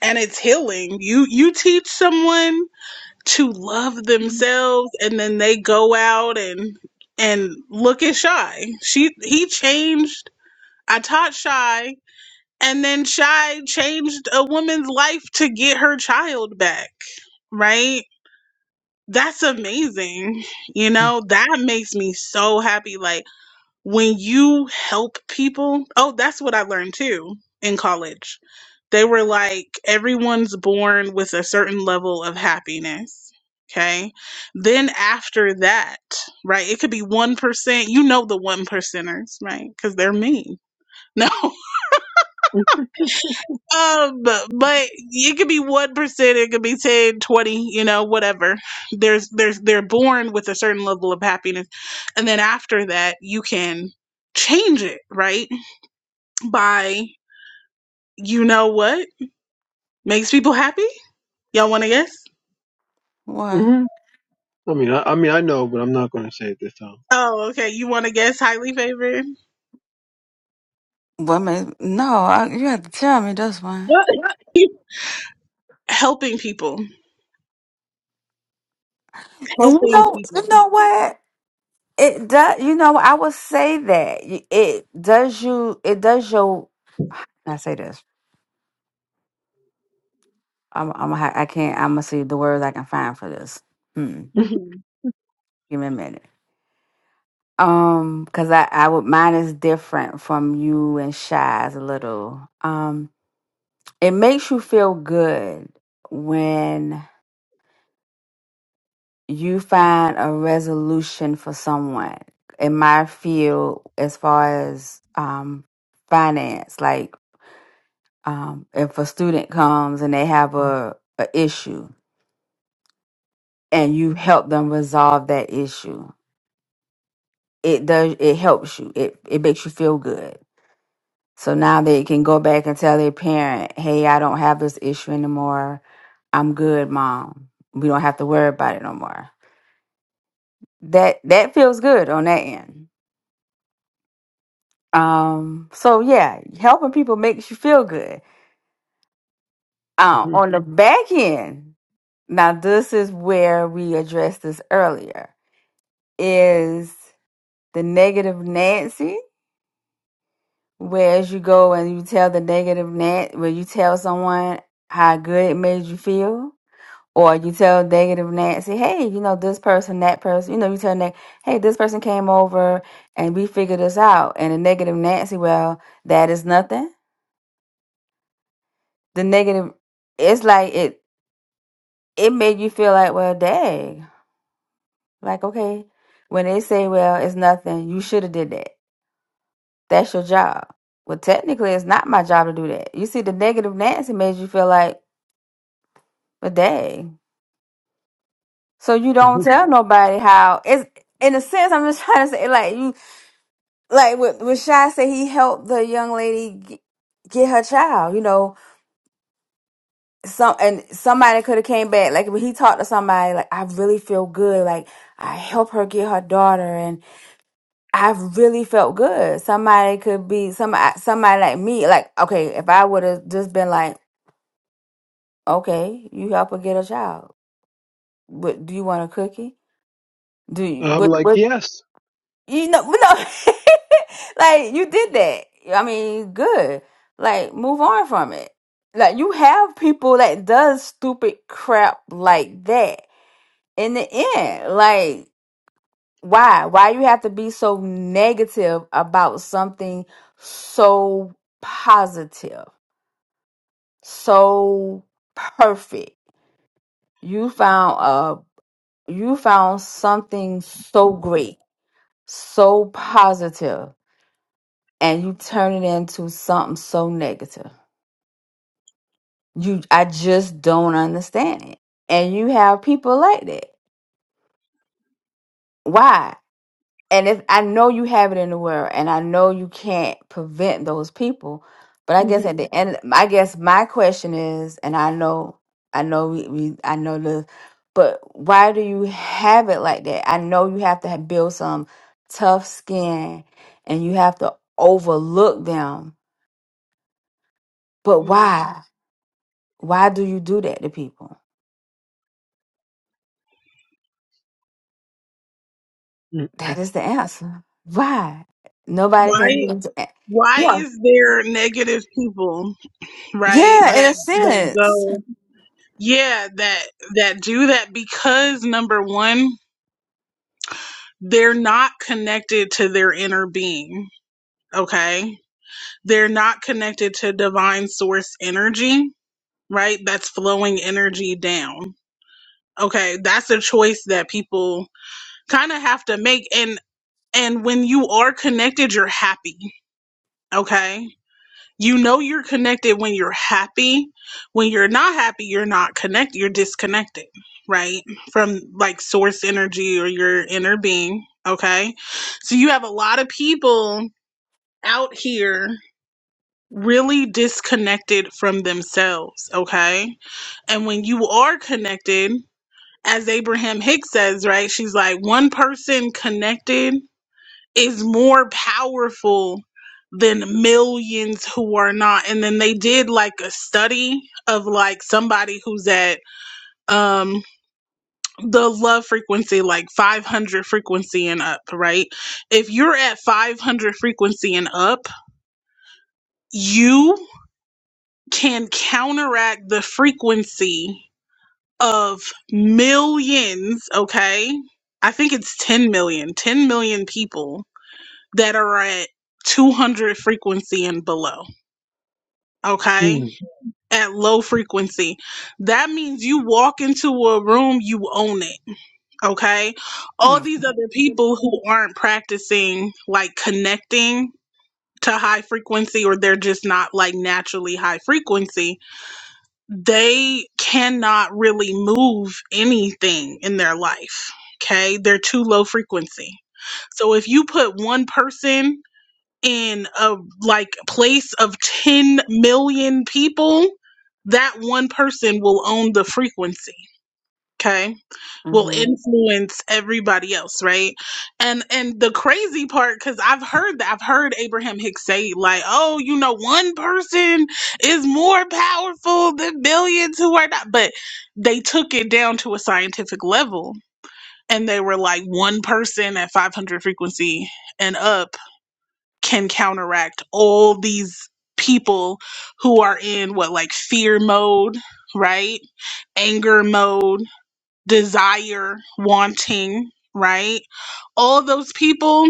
And it's healing. You you teach someone to love themselves, and then they go out and and look at Shy. She he changed. I taught Shy And then Shy changed a woman's life to get her child back, right? That's amazing. You know, that makes me so happy. Like when you help people, oh, that's what I learned too in college. They were like, everyone's born with a certain level of happiness. Okay. Then after that, right, it could be 1%. You know the one percenters, right? Because they're mean. No. Um, but it could be 1%, it could be 10, 20. you know, whatever. There's there's they're born with a certain level of happiness. And then after that, you can change it, right? By you know what makes people happy? Y'all want to guess?
hmm I mean, I, I mean, I know, but I'm not going to say it this time.
Oh, okay. You want to guess highly favored? What? Helping people. Helping people. Mhm.
I'm like, yes,
Mhm. Mhm. Why why is there negative people, right? That that go yeah, that that do that because number 1, they're not connected to their inner being, okay? They're not connected to divine source energy, right? That's flowing energy down. okay that's a choice that people kind of have to make and and when you are connected you're happy okay you know you're connected when you're happy when you're not happy you're not connected you're disconnected right from like source energy or your inner being okay so you have a lot of people out here really disconnected from themselves okay and when you are connected as Abraham Hicks says, right? She's like, one person connected is more powerful than millions who are not. And then they did like a study of like somebody who's at um the love frequency, like 500 frequency and up, right? If you're at 500 frequency and up, you can counteract the frequency of millions, okay? I think it's ten million, ten million people that are at 200 frequency and below, okay?
Mhm.
At low frequency. That means you walk into a room, you own it, okay? All these other people who aren't practicing like connecting to high frequency or they're just not like naturally high frequency they cannot really move anything in their life. Okay. They're too low frequency. So if you put one person in a like place of 10 million people, that one person will own the frequency. Okay will influence everybody else right and and the crazy part because i've heard that i've heard abraham hicks say like oh you know one person is more powerful than billions who are not but they took it down to a scientific level and they were like one person at 500 frequency and up can counteract all these people who are in what like fear mode right anger mode desire, wanting, right? All of those people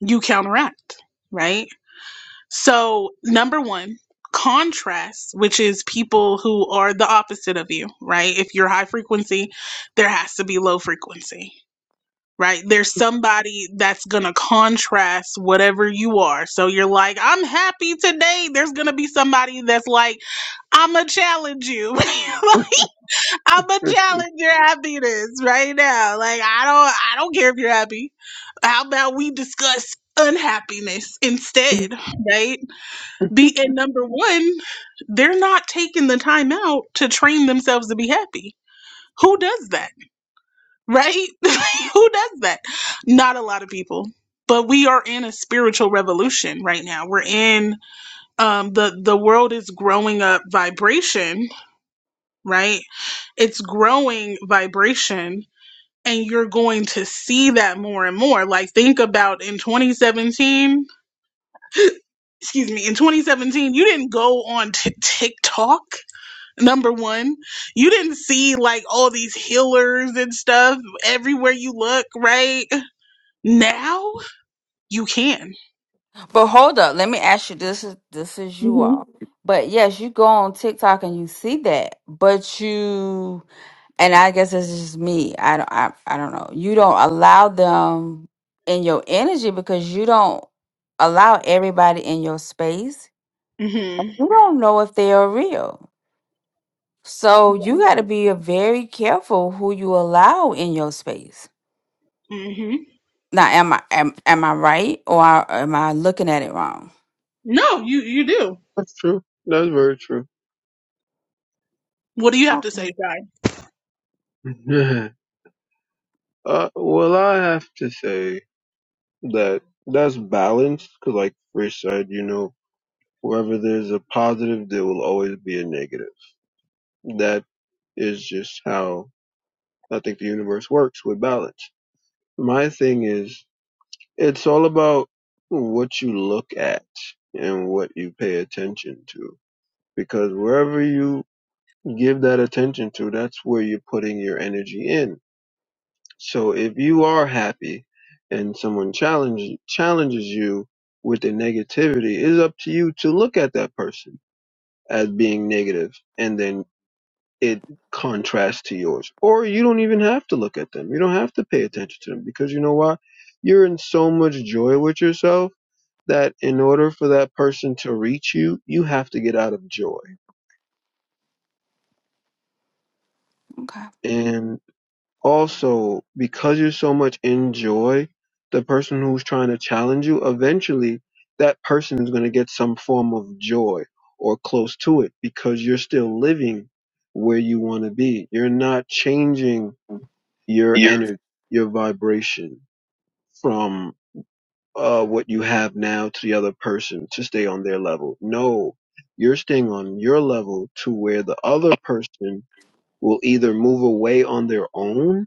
you counteract, right? So, number one, contrast, which is people who are the opposite of you, right? If you're high frequency, there has to be low frequency. Right. There's somebody that's going to contrast whatever you are. So you're like, I'm happy today. There's going to be somebody that's like, I'm going to challenge you. I'm gonna challenge your happiness right now. Like I don't I don't care if you're happy. How about we discuss unhappiness instead, right? Be and number one, they're not taking the time out to train themselves to be happy. Who does that? Right? Who does that? Not a lot of people. But we are in a spiritual revolution right now. We're in um, the the world is growing up vibration, right? It's growing vibration and you're going to see that more and more. Like think about in 2017, excuse me, in 2017, you didn't go on t- TikTok. Number one, you didn't see like all these healers and stuff everywhere you look, right? Now you can. Mhm. Mhm. Right. Mhm. No, you you do.
that's true. That's very true.
What do you have to say, Shy?
uh, well, I have to say that that's balanced, 'cause like Rich said, you know, Wherever there's a positive, there will always be a negative. That is just how I think the universe works with balance. My thing is, it's all about what you look at and what you pay attention to. Because wherever you give that attention to, that's where you're putting your energy in. So if you are happy and someone challenges challenges you with the negativity, it's up to you to look at that person as being negative and then it contrasts to yours. Or you don't even have to look at them. You don't have to pay attention to them because you know why? You're in so much joy with yourself that in order for that person to reach you, you have to get out of joy. And also, because you're so much in joy, the person who's trying to challenge you, eventually that person is going to get some form of joy or close to it because you're still living where you want to be. You're not changing your
You're
energy, your vibration from uh, what you have now to the other person to stay on their level. No, you're staying on your level to where the other person will either move away on their own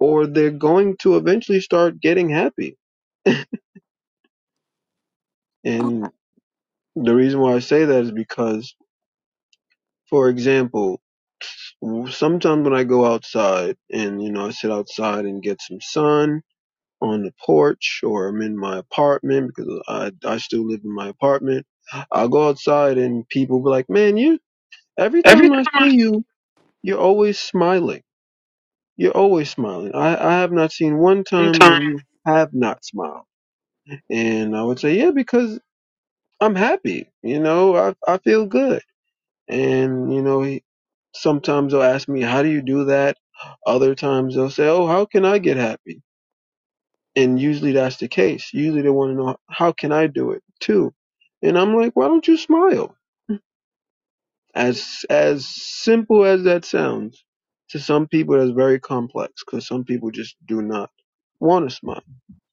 or they're going to eventually start getting happy. And the reason why I say that is because, for example, sometimes when I go outside and, you know, I sit outside and get some sun on the porch or I'm in my apartment because I, I still live in my apartment. I'll go outside and people be like, man, you, every
every
time
time
I see
I
you, you're always smiling. You're always smiling. I, I have not seen one time
sometimes
when you have not smiled. And I would say, yeah, because I'm happy. You know, I, I feel good. And, you know, he, sometimes they'll ask me, how do you do that? Other times they'll say, oh, how can I get happy? And usually that's the case. Usually they want to know how can I do it too? And I'm like, why don't you smile? As as simple as that sounds, to some people that's very complex because some people just do not want to smile.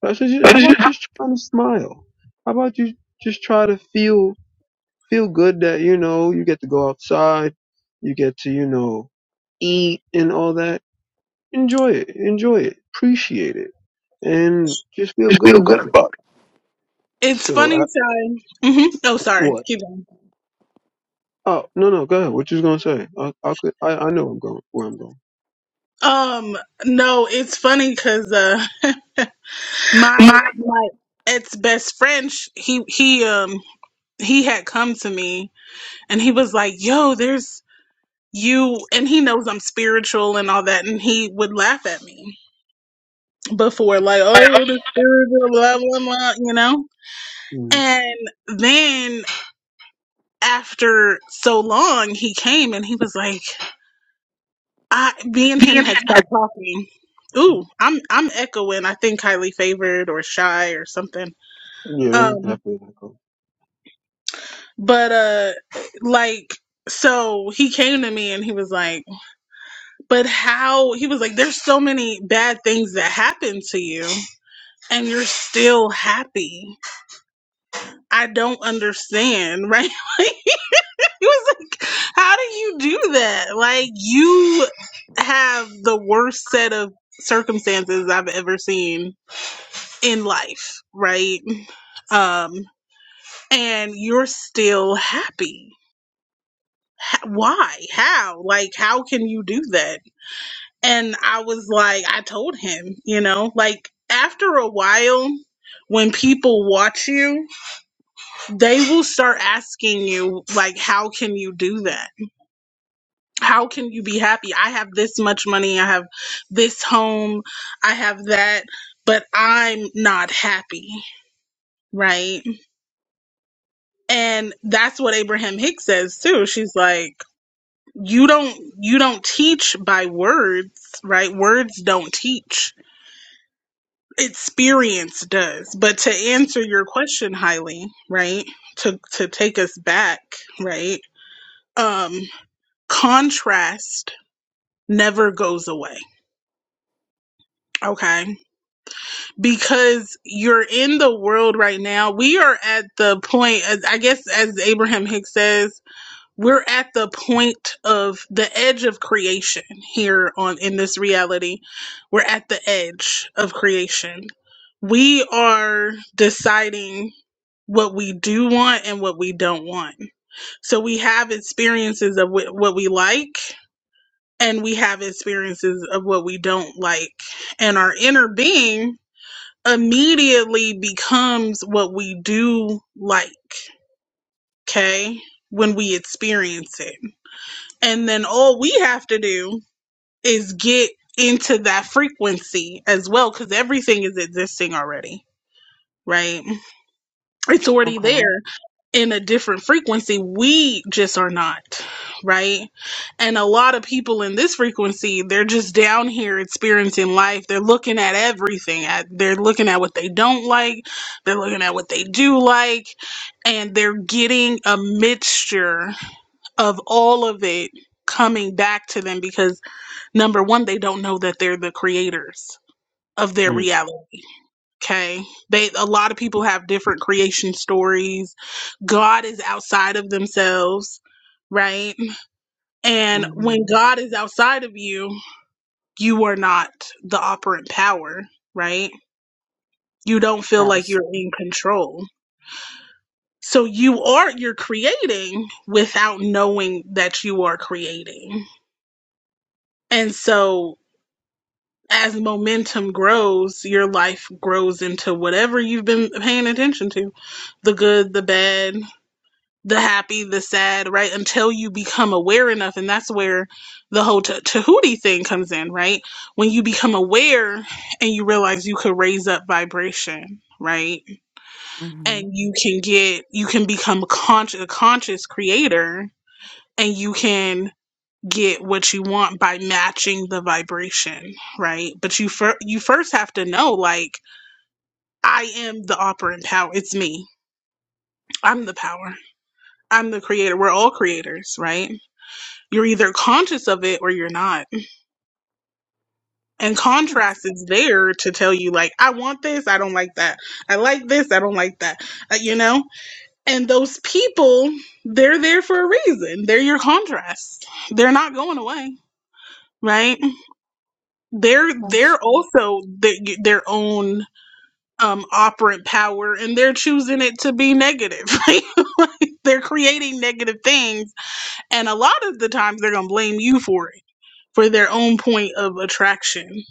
But I said, "You-
I
how about
just, I
just trying to smile? How about you just try to feel feel good that you know you get to go outside, you get to you know eat and all that. Enjoy it, enjoy it, appreciate it, and just feel
just
good
feel good
about it.
about
It's
So
funny, Shy. Mhm. Oh, sorry.
What?
Keep going.
Oh no no go ahead. What you was gonna say? I I could I, I know I'm going where I'm going.
Um, no, it's funny because uh my
it. My
my ex best friend sh- he he um he had come to me and he was like yo there's you and he knows i'm spiritual and all that and he would laugh at me before like
like,
oh the spiritual blah blah blah you know
Mm.
and then after so long he came and he was like i me and him
being
had
happy.
stopped talking ooh i'm i'm echoing i think highly favored or shy or something
Yeah, that's
Um.
definitely not going.
But uh like so he came to me and he was like, "But how?" He was like, "There's so many bad things that happen to you and you're still happy. I don't understand." Right? Like, he was like, "How do you do that? Like you have the worst set of circumstances I've ever seen in life, right? Um and you're still happy. H- Why? How? Like how can you do that?" And I was like, I told him, you know, like after a while, when people watch you, they will start asking you, like, how can you do that? How can you be happy? I have this much money. I have this home. I have that, but I'm not happy. Right. And that's what Abraham Hicks says too. She's like, you don't, you don't teach by words, right? Words don't teach experience does but to answer your question highly right to to take us back right um contrast never goes away okay because you're in the world right now we are at the point as i guess as abraham hicks says we're at the point of the edge of creation here on in this reality we're at the edge of creation we are deciding what we do want and what we don't want so we have experiences of wh- what we like and we have experiences of what we don't like and our inner being immediately becomes what we do like okay when we experience it and then all we have to do is get into that frequency as well, because everything is existing already, right? It's already there in a different frequency. We just are not, right? And a lot of people in this frequency, they're just down here experiencing life. They're looking at everything. At they're looking at what they don't like. They're looking at what they do like, and they're getting a mixture of all of it coming back to them because number one they don't know that they're the creators of their
Mm.
reality okay they a lot of people have different creation stories god is outside of themselves right and when god is outside of you you are not the operant power right you don't feel like you're in control so you are you're creating without knowing that you are creating and so as momentum grows, your life grows into whatever you've been paying attention to the good, the bad, the happy, the sad, right? Until you become aware enough. And that's where the whole Ta- Tahuti thing comes in, right? When you become aware and you realize you could raise up vibration, right? And you can get, you can become a conscious, a conscious creator and you can get what you want by matching the vibration, right? But you fir- you first have to know like I am the operant power. It's me. I'm the power. I'm the creator. We're all creators, right? You're either conscious of it or you're not. And contrast is there to tell you like I want this, I don't like that. I like this, I don't like that. Uh, you know? And those people, they're there for a reason. They're your contrast. They're not going away, right? they're they're also the, their own um operant power and they're choosing it to be negative like, they're creating negative things and a lot of the times they're gonna blame you for it for their own point of attraction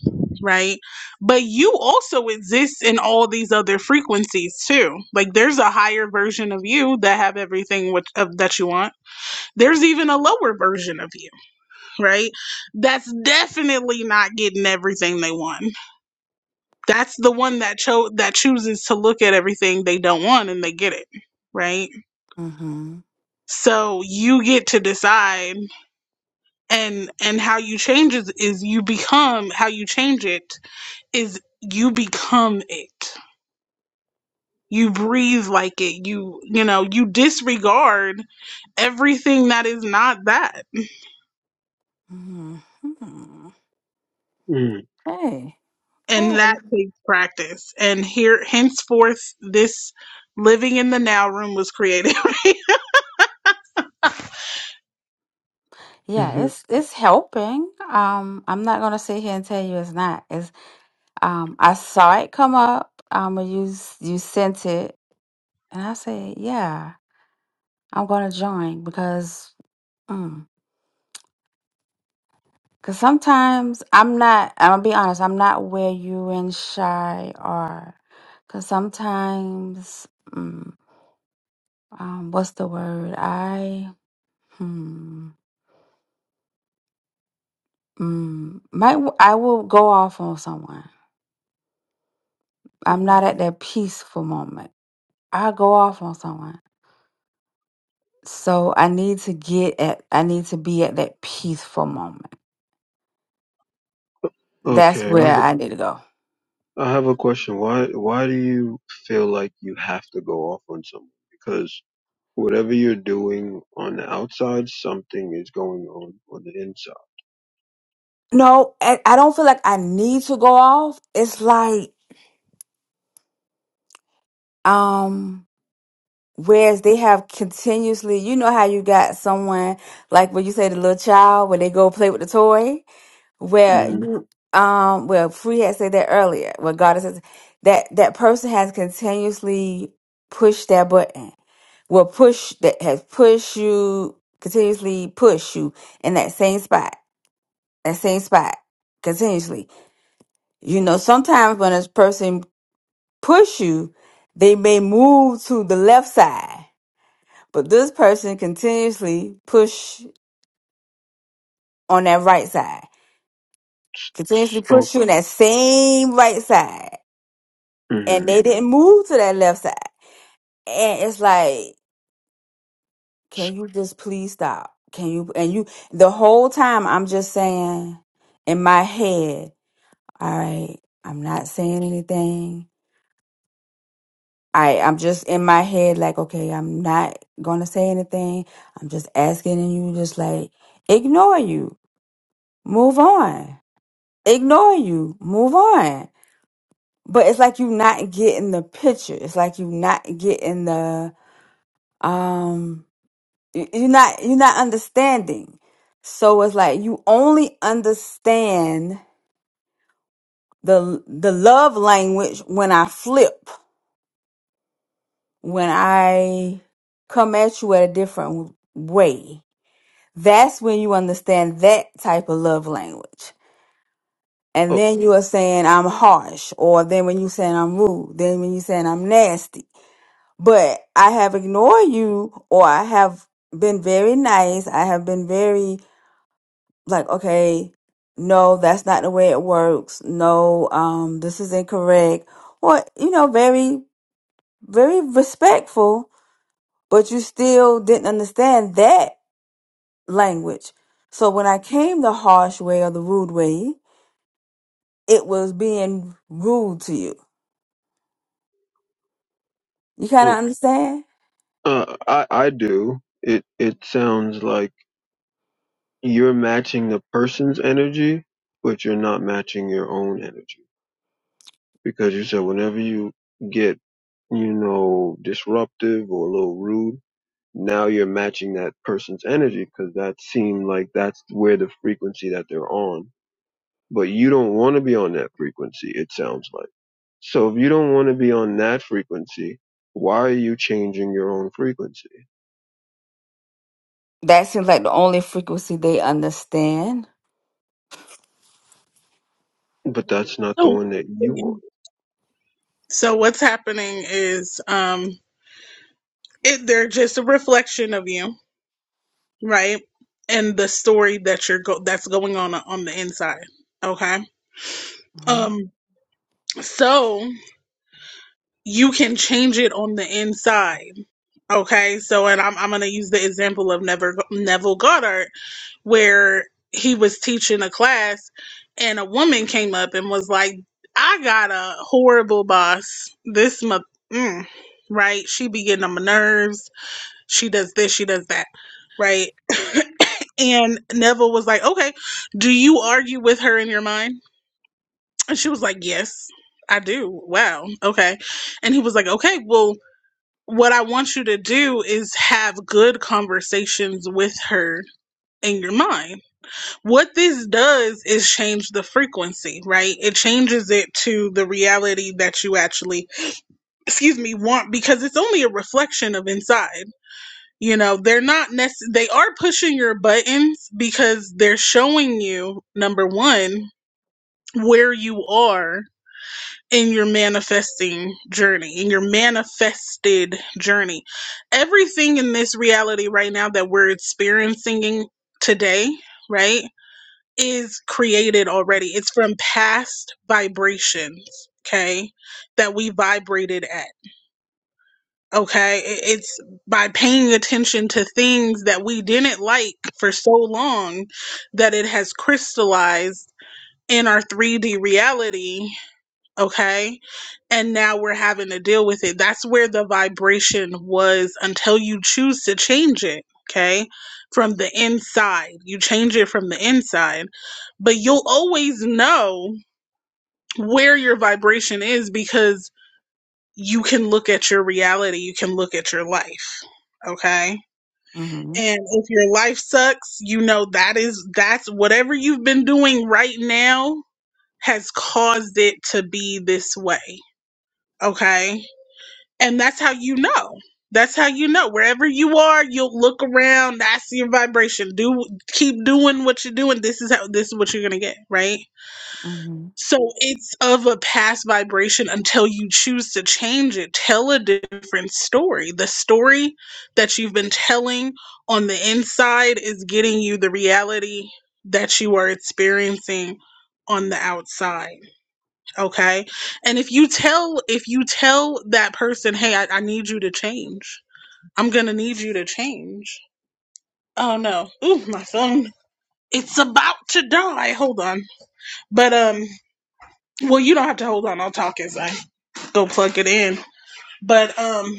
right but you also exist in all these other frequencies too like there's a higher version of you that have everything which, of, that you want there's even a lower version of you right that's definitely not getting everything they want that's the one that cho- that chooses to look at everything they don't want and they get it right so you get to decide and and how you change is, is you become how you change it is you become it you breathe like it you you know you disregard everything that is not that
Mm.
and that takes practice and here henceforth this living in the now room was created
Mhm.
Mhm.
okay, I have, a, I have a question. Why why do you feel like you have to go off on someone? Because whatever you're doing on the outside, something is going on on the inside. hmm Oh. hmm Oh. oh. Uh, I I do. It it sounds like. you're matching the person's energy, but you're not matching your own energy. Because you said whenever you get, you know, disruptive or a little rude, now you're matching that person's energy because that seemed like that's where the frequency that they're on. But you don't want to be on that frequency, it sounds like. So if you don't want to be on that frequency, why are you changing your own frequency? But that's not the
so
one that you want.
So what's happening is um it they're just a reflection of you, right? And the story that you're go- that's going on on the inside. Okay? Um so you can change it on the inside. Okay? So and I'm I'm going to use the example of Never Neville Goddard where he was teaching a class and a woman came up and was like, "I got a horrible boss. This month, mm, right? She be getting on my nerves she does this, she does that, right? And Neville was like, okay, do you argue with her in your mind? And she was like, yes, I do. Wow. Okay. And he was like, okay, well, what I want you to do is have good conversations with her in your mind. What this does is change the frequency, right? It changes it to the reality that you actually, excuse me, want because it's only a reflection of inside you know they're not nec- they are pushing your buttons because they're showing you number one where you are in your manifesting journey in your manifested journey everything in this reality right now that we're experiencing today right is created already it's from past vibrations okay that we vibrated at Okay, I- it's by paying attention to things that we didn't like for so long that it has crystallized in our 3D reality. Okay, and now we're having to deal with it. That's where the vibration was until you choose to change it. Okay, from the inside, you change it from the inside, but you'll always know where your vibration is because you can look at your reality, you can look at your life. Okay. And if your life sucks, you know that is that's whatever you've been doing right now has caused it to be this way. Okay. And that's how you know. That's how you know. Wherever you are, you'll look around. That's your vibration. Do keep doing what you're doing. This is how this is what you're gonna get, right? So it's of a past vibration until you choose to change it. Tell a different story. The story that you've been telling on the inside is getting you the reality that you are experiencing on the outside. Okay. And if you tell, if you tell that person, hey, I, I need you to change, I'm going to need you to change. Oh no. Ooh, my phone. It's about to die. Hold on. But, um, well, you don't have to hold on. I'll talk as I. go plug it in. But um,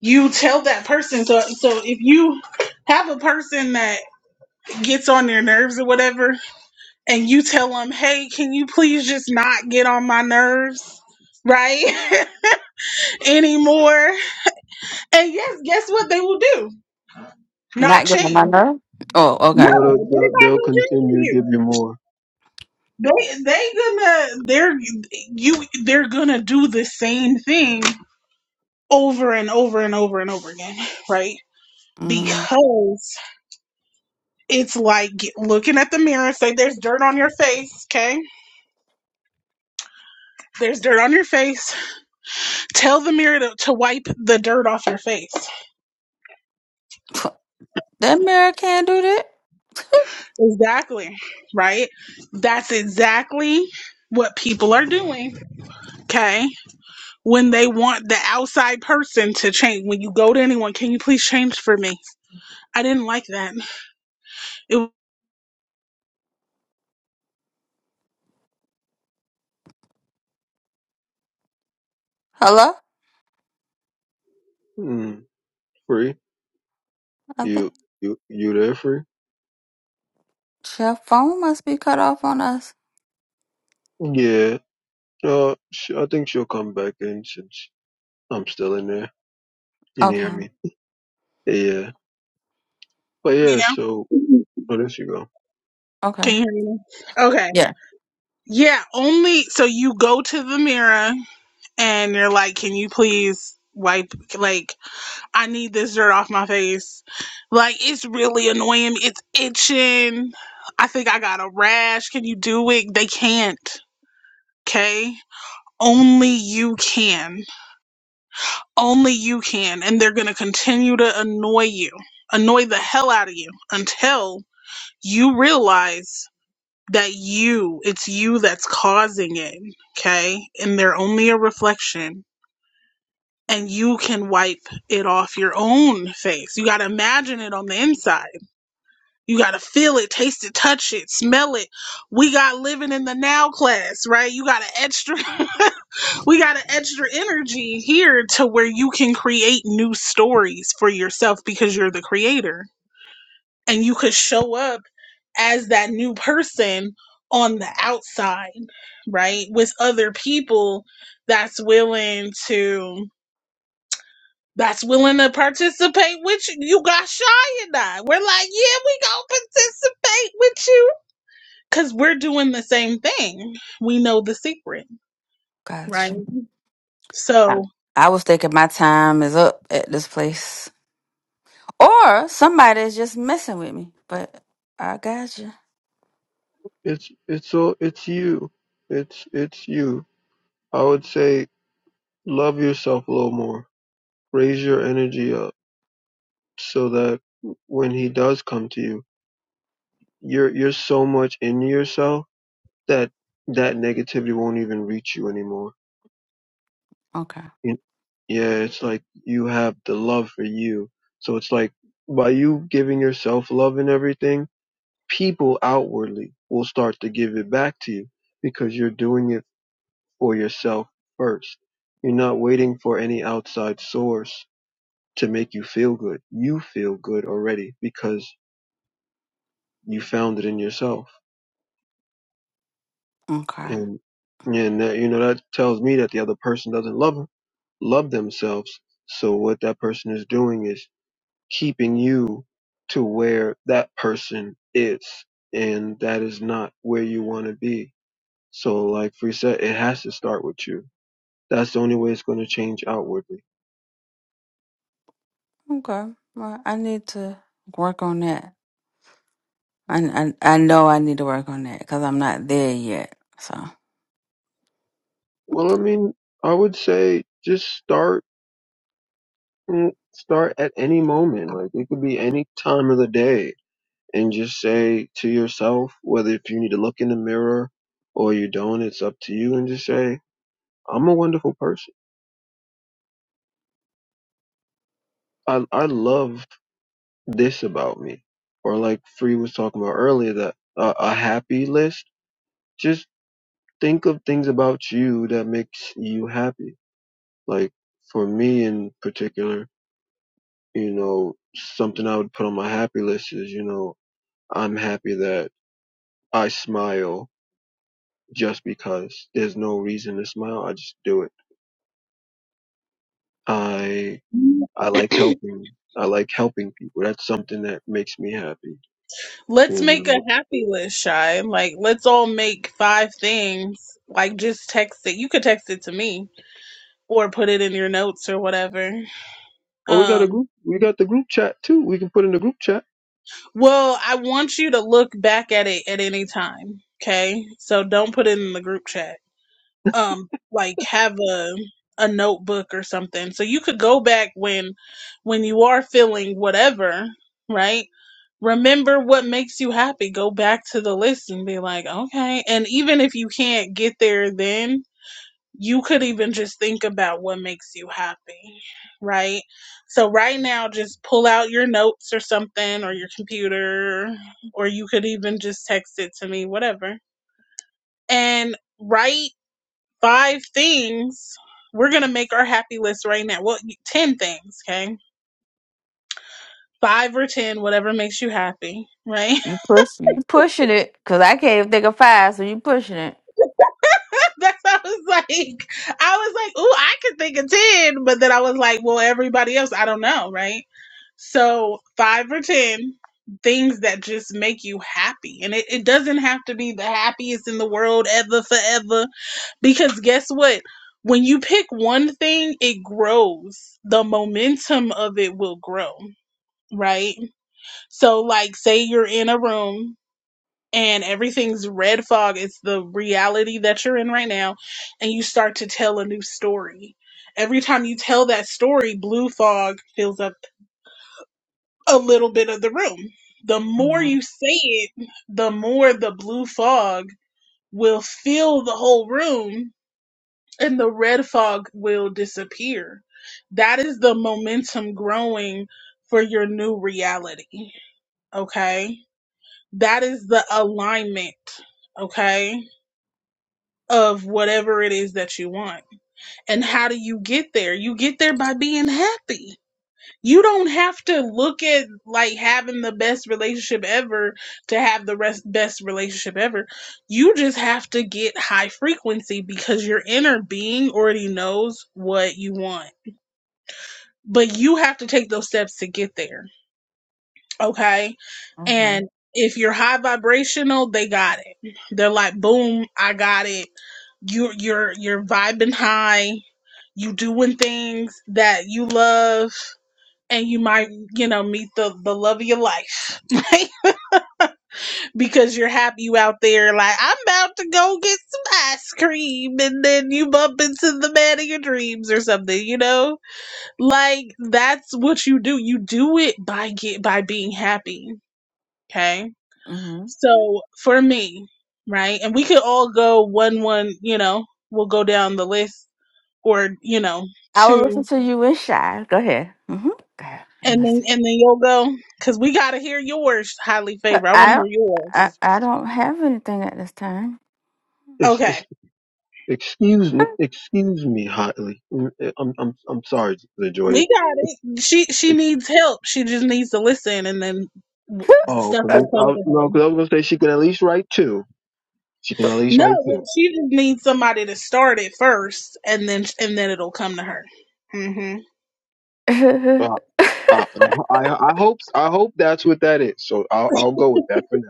you tell that person. So so if you have a person that gets on your nerves or whatever, and you tell them, "Hey, can you please just not get on my nerves?" Right anymore, and yes, guess what they will do? Not change.
No, they'll,
No,
they'll,
they're not
they'll
gonna change
continue to give you more.
for you. They they gonna they're you they're gonna do the same thing over and over and over and over again, right? Because It's like get- looking at the mirror, say there's dirt on your face, okay? There's dirt on your face. Tell the mirror to, to wipe the dirt off your face. Exactly, right? That's exactly what people are doing, okay? When they want the outside person to change, when you go to anyone, can you please change for me? I didn't like that. It was
Mm. Free? You you you there, Free? Yeah. Uh, sh- I think she'll come back in since I'm still in there. In here, I mean. Yeah. But
me
yeah.
now.
So, oh, there she go.
Can you hear me? now? Okay. Yeah, only so you go to the mirror and they're like, "Can you please wipe? Like, I need this dirt off my face. Like, it's really annoying. It's itching. I think I got a rash. Can you do it? They can't. Okay." Only you can. Only you can. And they're going to continue to annoy you, annoy the hell out of you until you realize that you, it's you that's causing it. Okay. And they're only a reflection and you can wipe it off your own face. You got to imagine it on the inside. You got to feel it, taste it, touch it, smell it. We got living in the now class, right? You got an extra, we got an extra energy here to where you can create new stories for yourself because you're the creator and you could show up as that new person on the outside, right? With other people that's willing to that's willing to participate with you. You got shy and I. We're like, yeah, we gonna participate with you because we're doing the same thing. We know the secret, right? So
It's it's all it's you. It's it's you. I would say love yourself a little more. Raise your energy up so that when he does come to you, you're you're so much in yourself that that negativity won't even reach you anymore It- Yeah, it's like you have the love for you. So it's like by you giving yourself love and everything, people outwardly will start to give it back to you because you're doing it for yourself first. You're not waiting for any outside source to make you feel good. You feel good already because you found it in yourself. And and that, you know that tells me that the other person doesn't love love themselves. So what that person is doing is keeping you to where that person is and that is not where you want to be so like free said it has to start with you that's the only way it's going to change outwardly well i mean i would say just start mm, start at any moment like it could be any time of the day and just say to yourself whether if you need to look in the mirror or you don't it's up to you and just say i'm a wonderful person i i love this about me. Or like Free was talking about earlier, that uh, a happy list. Just think of things about you that makes you happy. Like for me in particular, you know, something I would put on my happy list is, you know, I'm happy that I smile just because there's no reason to smile. I just do it. I, I like helping. I like helping people. That's something that makes me happy,
let's
you
make a
know.
happy list, shy. Like, let's all make five things. Like, just text it. You could text it to me or put it in your notes or whatever.
Oh, we got a
Um,
group. We got the group chat too. We can put in the group chat.
well, I want you to look back at it at any time. Okay, so don't put it in the group chat um like have a a notebook or something so you could go back when when you are feeling whatever right remember what makes you happy go back to the list and be like okay and even if you can't get there then you could even just think about what makes you happy right so right now just pull out your notes or something or your computer or you could even just text it to me whatever and write five things. We're gonna make our happy list right now. Well, ten things, okay? Five or ten, whatever makes you happy, right? That's I was like, I was like, ooh, I could think of ten, but then I was like, well, everybody else, I don't know, right? So five or ten things that just make you happy, and it, it doesn't have to be the happiest in the world ever, forever, because guess what? When you pick one thing, it grows. The momentum of it will grow right? So, like, say you're in a room and everything's red fog, it's the reality that you're in right now, and you start to tell a new story. Every time you tell that story, blue fog fills up a little bit of the room. The more you say it, the more the blue fog will fill the whole room and the red fog will disappear. That is the momentum growing for your new reality. Okay That is the alignment, okay, of whatever it is that you want. And how do you get there? You get there by being happy. You don't have to look at like having the best relationship ever to have the rest, best relationship ever. You just have to get high frequency because your inner being already knows what you want. But you have to take those steps to get there. Okay. And if you're high vibrational, they got it. They're like, boom, I got it. You're you're you're vibing high. You doing things that you love, and you might you know meet the the love of your life, right? Because you're happy you out there. Like I'm about to go get some ice cream, and then you bump into the man of your dreams or something. You know, like that's what you do. You do it by get by being happy. Okay So for me, right, and we could all go one one, you know, we'll go down the list or, you know, two and then and then you'll go cuz we got to hear yours, highly favored. I want to hear yours.
It's,
Okay.
it's, excuse me, excuse me, hotly. I'm, I'm, I'm sorry, LaJoya.
We got it. She she needs help. She just needs to listen and then w-
Oh,
stuff
cause
will
I,
come
I,
to
no,
her.
cause I was gonna say she can at least write two. She can at least
No,
write
well,
two.
she just needs somebody to start it first and then and then it'll come to her. Mm-hmm.
Uh, I, I, I hope, I hope that's what that is. So I'll, I'll go with that for now.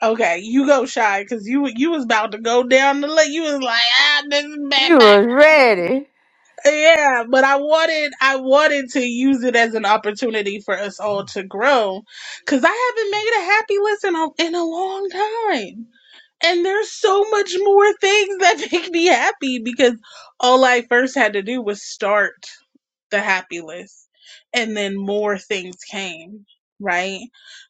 Okay, you go shy because you you was about to go down the list. You was like, ah, this is bad, bad. Yeah, but I wanted I wanted to use it as an opportunity for us all to grow, because I haven't made a happy list in a, in a long time. And there's so much more things that make me happy because all I first had to do was start the happy list and then more things came right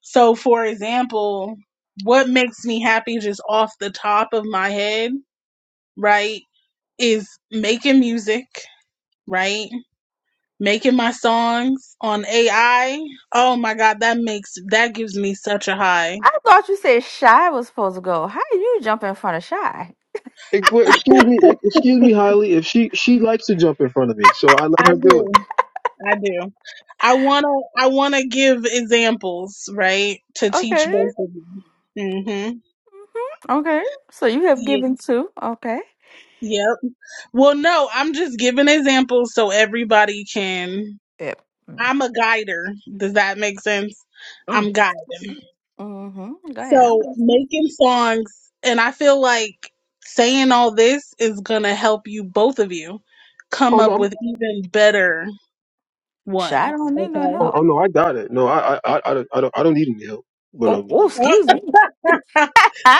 so for example what makes me happy just off the top of my head right is making music right making my songs on ai oh my god that makes that gives me such a high
Ex- wait, excuse me, ex- excuse me, Holly. If she she likes to jump in front of me, so I let
i
her do it.
do i do i want to i want to give examples right to teach both of you mhm yeah Yep. Well, no, I'm just giving examples so everybody can. I'm a guider. Does that make sense? I'm guiding. So making songs, and I feel like saying all this is going to help you, both of you, come
Oh no,
up
I'm,
with even better ones. Okay.
oh, oh no, I got it. No, I I I, I don't I don't I don't need any help. But um,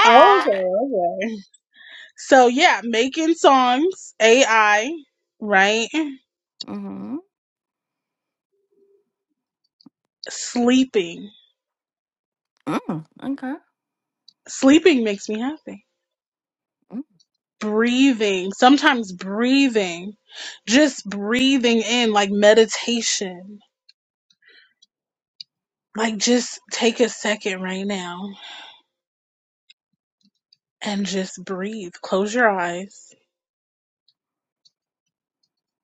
Oh, okay, okay. So, yeah, making songs, AI, right? Sleeping. Sleeping makes me happy. breathing, sometimes breathing, just breathing in like meditation. Like just take a second right now and just breathe. Close your eyes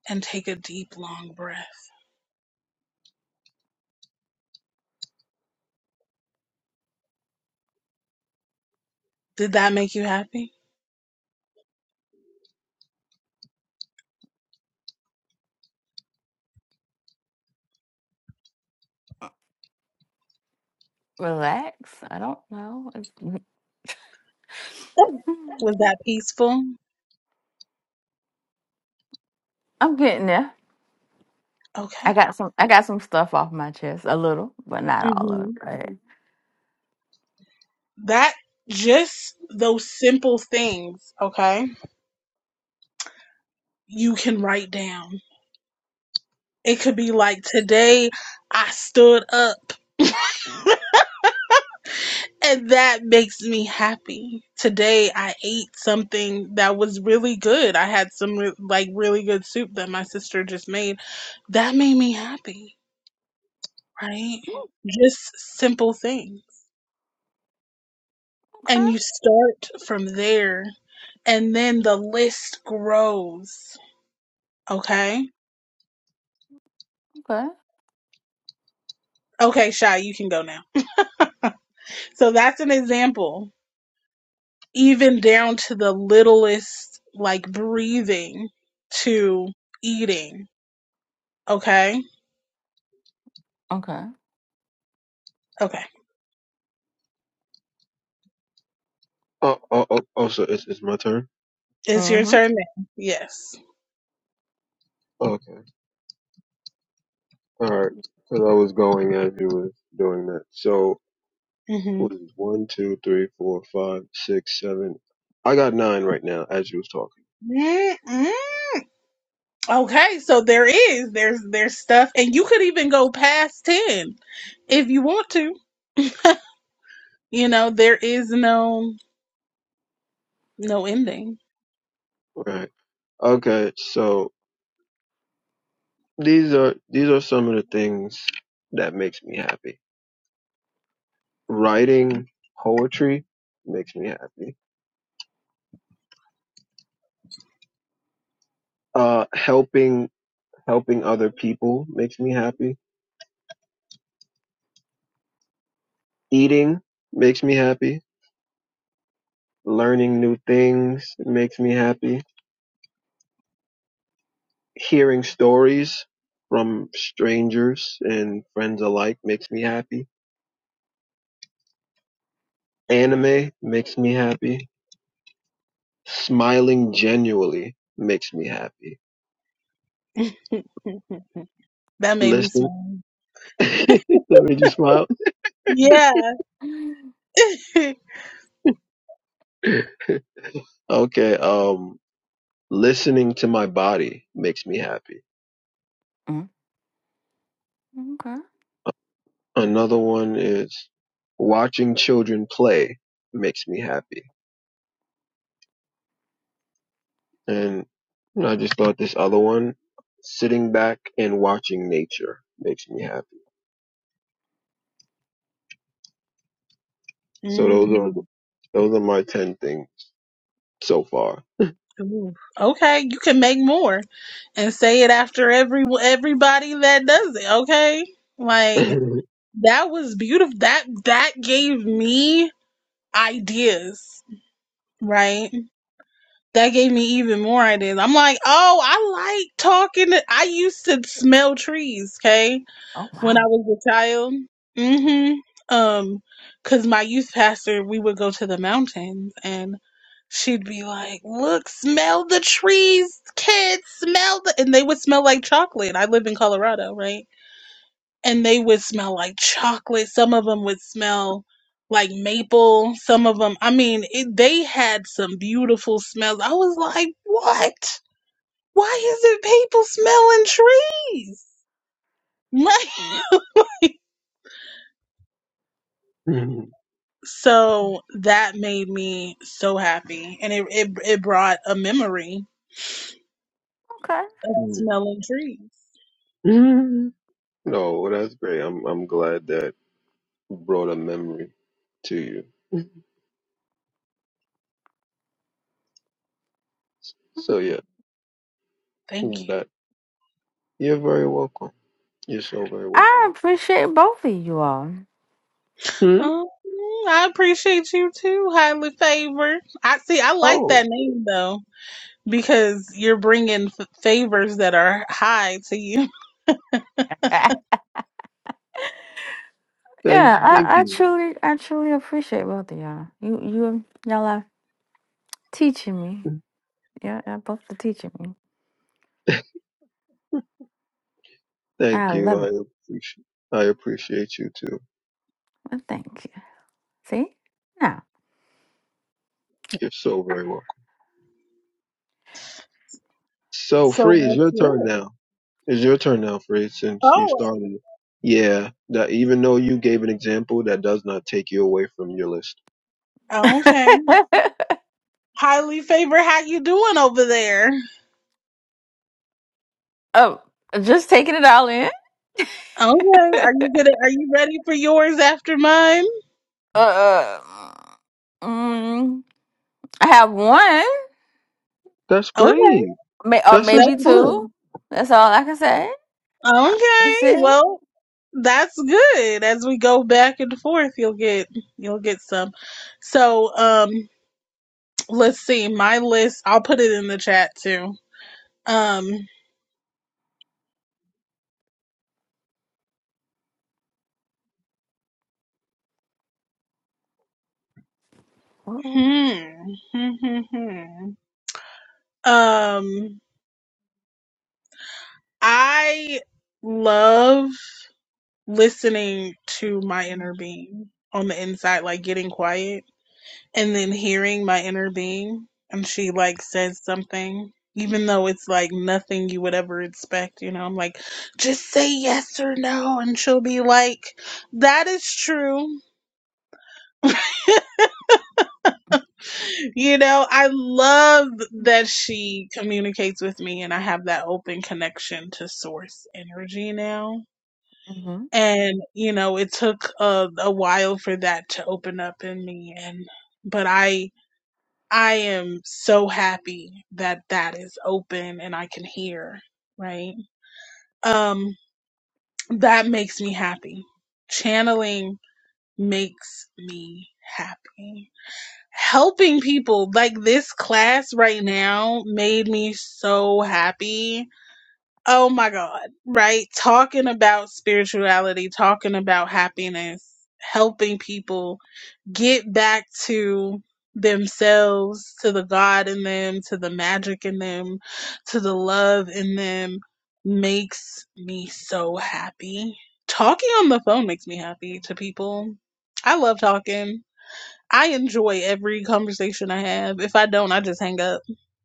and take a deep, long breath. Did that make you happy? Was that peaceful? Okay. hmm That just those simple things, okay, you can write down. It could be like today I stood up. And that makes me happy. Today I ate something that was really good. I had some re- like really good soup that my sister just made. That made me happy, right? Just simple things. And you start from there and then the list grows. Okay? Okay, Shy, you can go now. So that's an example, even down to the littlest, like breathing to eating. Okay? Okay.
oh oh oh, oh so it's it's my turn.
It's your turn now. Yes.
Okay, all right. Because I was going as you was doing that. So
hmm
what is it? one, two, three, four, five, six, seven. I got nine right now as you was talking.
Mm-mm. Okay, so there is there's there's stuff, and you could even go past ten if you want to. You know, there is no no ending.
Right. Okay. So these are these are some of the things that makes me happy. writing poetry makes me happy. Uh, helping helping other people makes me happy. Eating makes me happy. Learning new things makes me happy. Hearing stories from strangers and friends alike makes me happy. Anime makes me happy. Smiling genuinely makes me happy.
that made me
Listen,
smile.
that made you smile.
Yeah.
Okay, um, listening to my body makes me happy Another one is watching children play makes me happy. And you know, I just thought this other one, sitting back and watching nature makes me happy. So those are
mm.
the- those are my ten things so far.
Ooh. Okay, you can make more and say it after every everybody that does it. Okay, like
no,
that was beautiful. That that gave me ideas, right? that gave me even more ideas. I'm like, oh, I like talking. To, I used to smell trees, okay, when I was a child. Mm-hmm. Um, cause my youth pastor, we would go to the mountains, and she'd be like, "Look, smell the trees, kids, smell the," and they would smell like chocolate. I live in Colorado, right? and they would smell like chocolate. Some of them would smell like maple. Some of them, I mean, it, they had some beautiful smells. I was like, what? Why is it people smelling trees? Like, so that made me so happy, and it it, it brought a memory of smelling trees.
well, that's great. I'm I'm glad that brought a memory to you. So yeah,
Thank you.
that you're very welcome. You're so very welcome. Hmm?
Oh, I appreciate you too, highly favored. I see. I like that
Oh,
name though. because you're bringing f- favors that are high to you.
thank thank you. Thank you. I appreciate I appreciate you too. You're so very welcome. So
So
Free, it's
what's
your turn
yours?
now. It's your turn now, Free, since you
Oh,
started it. Yeah, that even though you gave an example, that does not take you away from your list.
okay. Highly favored. How you doing over there? Okay. Are you gonna? Are you ready for yours after mine?
That's
Okay,
great. That's a
that's
start.
good. Okay. Well, that's good. As we go back and forth, you'll get you'll get some. So um, let's see. My list. I'll put it in the chat too. Um. Hmm. Um, I love listening to my inner being on the inside, like getting quiet and then hearing my inner being. And she like says something, even though it's like nothing you would ever expect. You know, I'm like, just say yes or no. And she'll be like, that is true. You know, I love that she communicates with me and I have that open connection to source energy now and you know it took a, a while for that to open up in me and but i i am so happy that that is open and i can hear right um that makes me happy channeling makes me happy helping people like this class right now made me so happy Oh my God, right? Talking about spirituality, talking about happiness, helping people get back to themselves, to the God in them, to the magic in them, to the love in them makes me so happy. Talking on the phone makes me happy to people. I love talking. I enjoy every conversation I have. If I don't, I just hang up.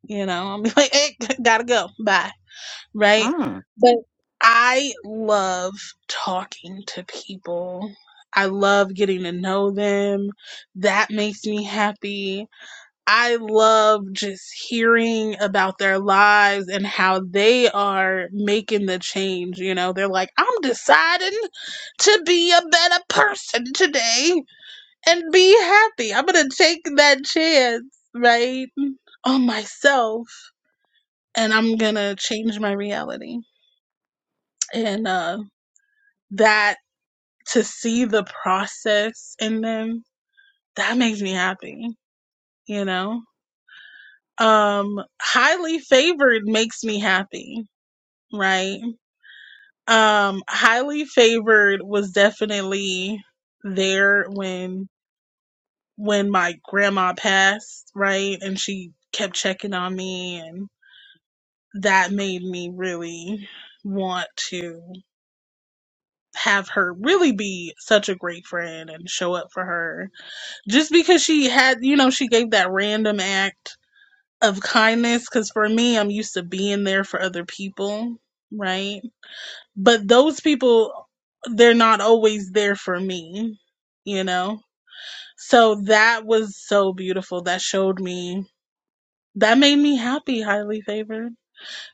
You know, I'm like, hey, gotta go. Bye right? But I love talking to people. I love getting to know them. That makes me happy. I love just hearing about their lives and how they are making the change. You know, they're like, I'm deciding to be a better person today and be happy. I'm going to take that chance, right? On myself, and I'm going to change my reality and uh that to see the process in them that makes me happy you know um highly favored makes me happy right um highly favored was definitely there when when my grandma passed right and she kept checking on me and that made me really want to have her really be such a great friend and show up for her just because she had, you know, she gave that random act of kindness. Because for me, I'm used to being there for other people, right? But those people, they're not always there for me, you know? So that was so beautiful. That showed me, that made me happy, highly favored.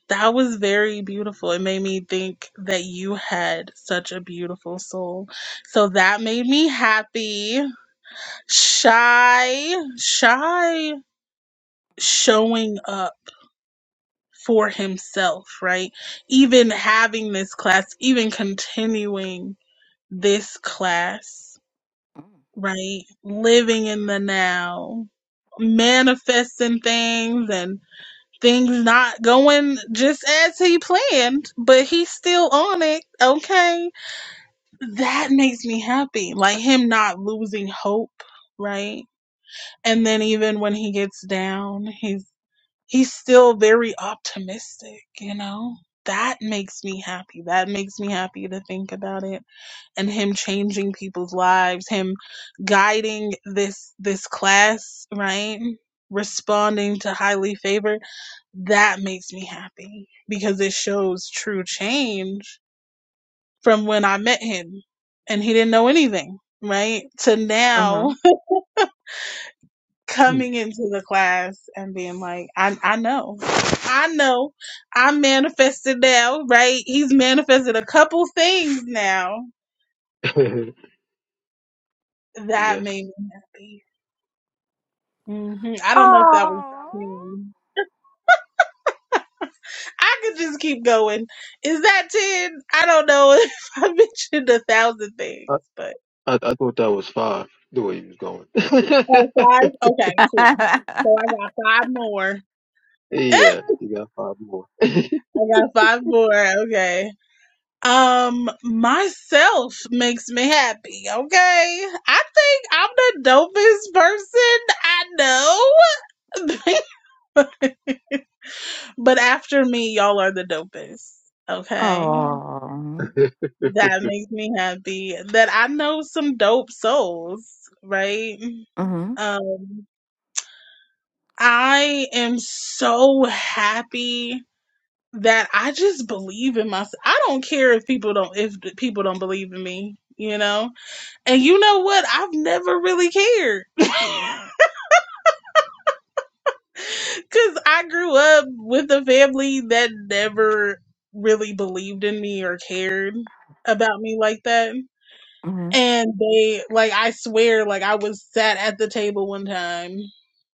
That was very beautiful. It made me think that you had such a beautiful soul. So that made me happy. Shy, shy. showing up for himself, right? Even having this class, even continuing this class, right? Living in the now, manifesting things and things not going just as he planned, but he's still on it, okay? That makes me happy. Like him not losing hope, right? And then even when he gets down, he's he's still very optimistic, you know? That makes me happy. That makes me happy to think about it. And him changing people's lives, him guiding this this class, right? Responding to highly favored, that makes me happy because it shows true change from when I met him and he didn't know anything, right? To now
Hmm.
coming into the class and being like, I, I know, I know, I'm manifested now, right? He's manifested a couple things now that made
yes.
me happy. hmm I don't know if that was 10. I could just keep going. Is that 10? I don't know if I mentioned a thousand things,
I,
but.
I I thought that was five, the way you was going.
Oh, five? Okay, cool. So I got five more. I
yes, you got five more.
got five more. Okay. Um, myself makes me happy, okay? I think I'm the dopest person I know. but after me, y'all are the dopest, okay? That makes me happy that I know some dope souls, right? Um, I am so happy that I just believe in myself. I don't care if people don't if people don't believe in me, you know? And you know what? I've never really cared. Because I grew up with a family that never really believed in me or cared about me like that. And they, like, I swear, like, I was sat at the table one time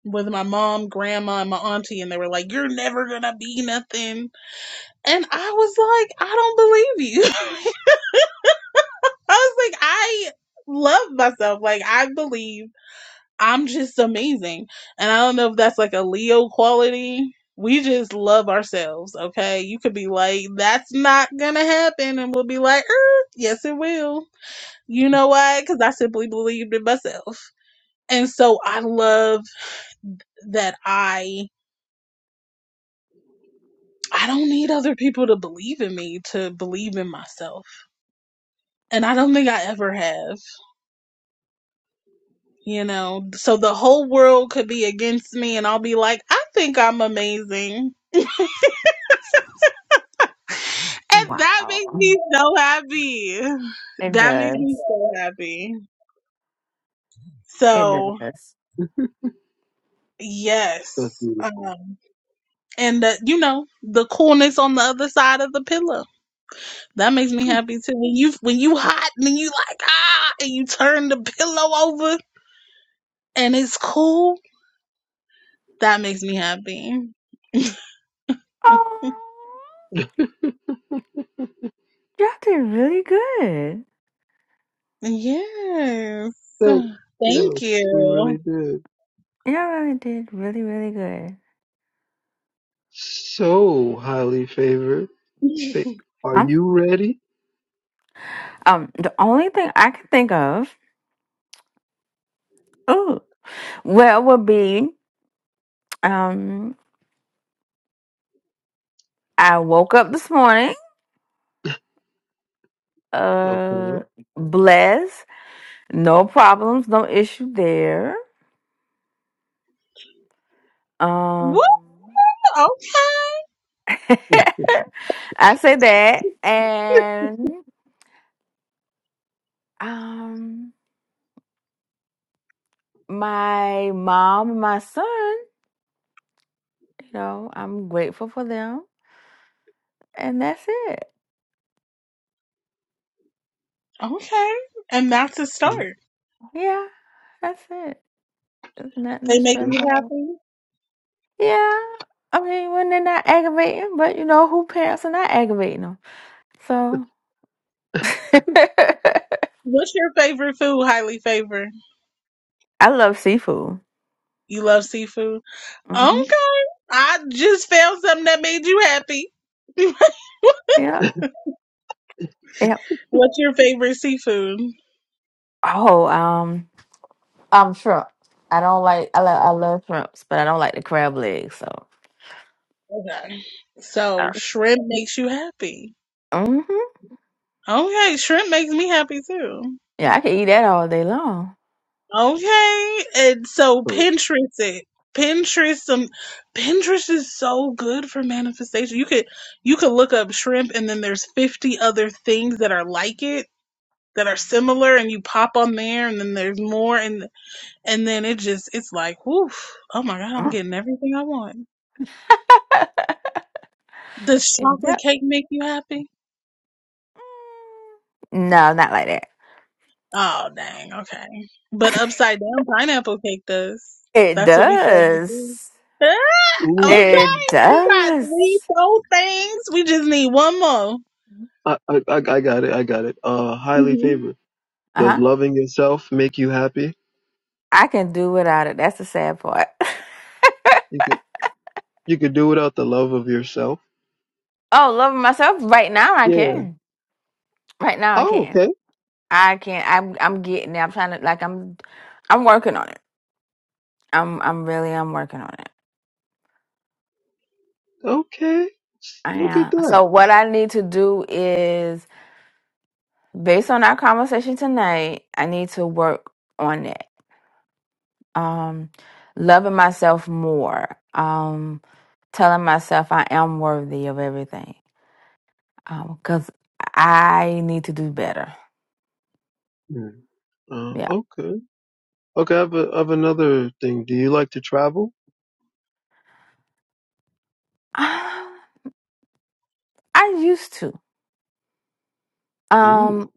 with my mom, grandma, and my auntie, and they were like, You're never gonna be nothing. And I was like, I don't believe you. I was like, I love myself. Like, I believe. I'm just amazing. And I don't know if that's like a Leo quality. We just love ourselves, okay? You could be like, that's not gonna happen. And we'll be like, er, yes, it will. You know why? Because I simply believed in myself. And so I love that I. I don't need other people to believe in me to believe in myself. And I don't think I ever have, you know. So the whole world could be against me and I'll be like, I think I'm amazing And that makes me so happy. That makes me so happy. So,
That's
yes. Um,
beautiful.
and the, you know the coolness on the other side of the pillow that makes me happy too. When you when you hot and you like ah and you turn the pillow over and it's cool that makes me happy. Yes,
Thanks.
thank
Yes, we really
you.
did. So, highly favored, fa- are you ready? Okay.
Woo! Oh, okay, and that's a start. They make you
Yes.
happy. What's your favorite food? Highly favored. You love seafood. Okay, I just found something that made you happy. What's your favorite seafood? Okay, so shrimp makes you happy. Okay, shrimp makes me happy too. Okay, and so
Uh,
Pinterest it. Pinterest some Pinterest is so good for manifestation. You could you could look up shrimp and then there's 50 other things that are like it that are similar and you pop on there and then there's more and and then it just it's like whoof oh my god i'm getting everything i want does chocolate cake make you happy oh dang okay but upside down pineapple cake does that's what we said before
Ooh,
okay we got three whole things we just need one more
I, I, I I got it. I got it. Uh, highly
hmm
favored. Does loving yourself make you happy? You could, you could do without the love of yourself. Yeah. Oh, okay. Okay, look at that. Hmm. Uh, okay. Okay, I have, a, I have another thing. Do you like to travel? Ooh.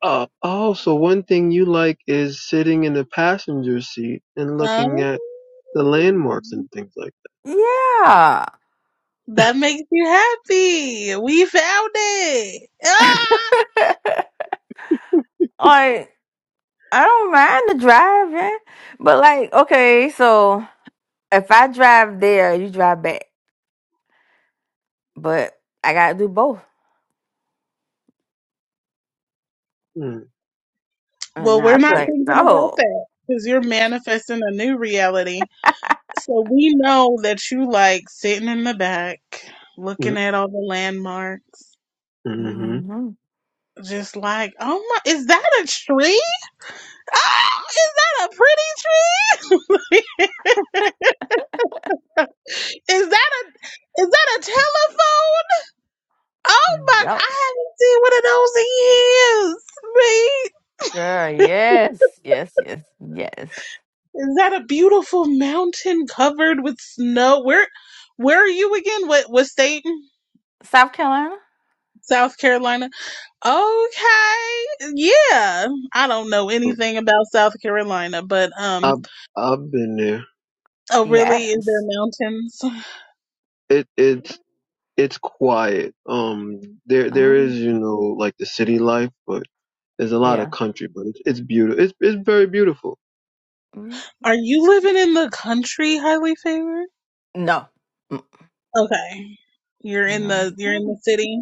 Uh, oh, so one thing you like is sitting in the passenger seat and looking
oh,
at the landmarks and things like
that makes you happy we found it ah!
that. Mm.
Well, we're not
Oh,
thinking about that because you're manifesting a new reality. So we know that you like sitting in the back, looking
mm,
at all the landmarks,
mm-hmm.
just like, oh my, is that a tree? Oh, is that a pretty tree? is that a is that a telephone? Oh my, I haven't seen one of those in years, mate. Is that a beautiful mountain covered with snow? Where where are you again? What what state? South Carolina. Okay. Yeah. I don't know anything about South Carolina, but um
I've, I've been there.
oh really, is there mountains?
It, it's, it's quiet. Um, there, there is, you know, like the city life, but there's a lot of country, but it's, it's beautiful. It's, it's very beautiful.
Are you living in the country, highly favored? Okay. You're in the you're in the city?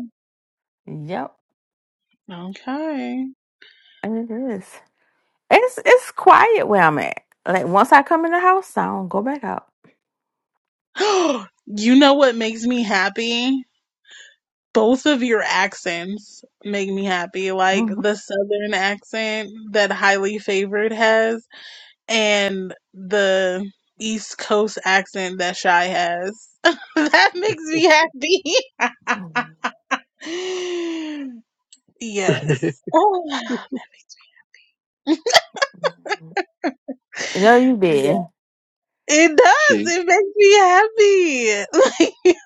Okay. you know what makes me happy? Both of your accents make me happy. Like the southern accent that highly favored has and the East Coast accent that Shy has. that makes me happy. yes. Oh, yeah. It
She.
does. It makes me happy. Like,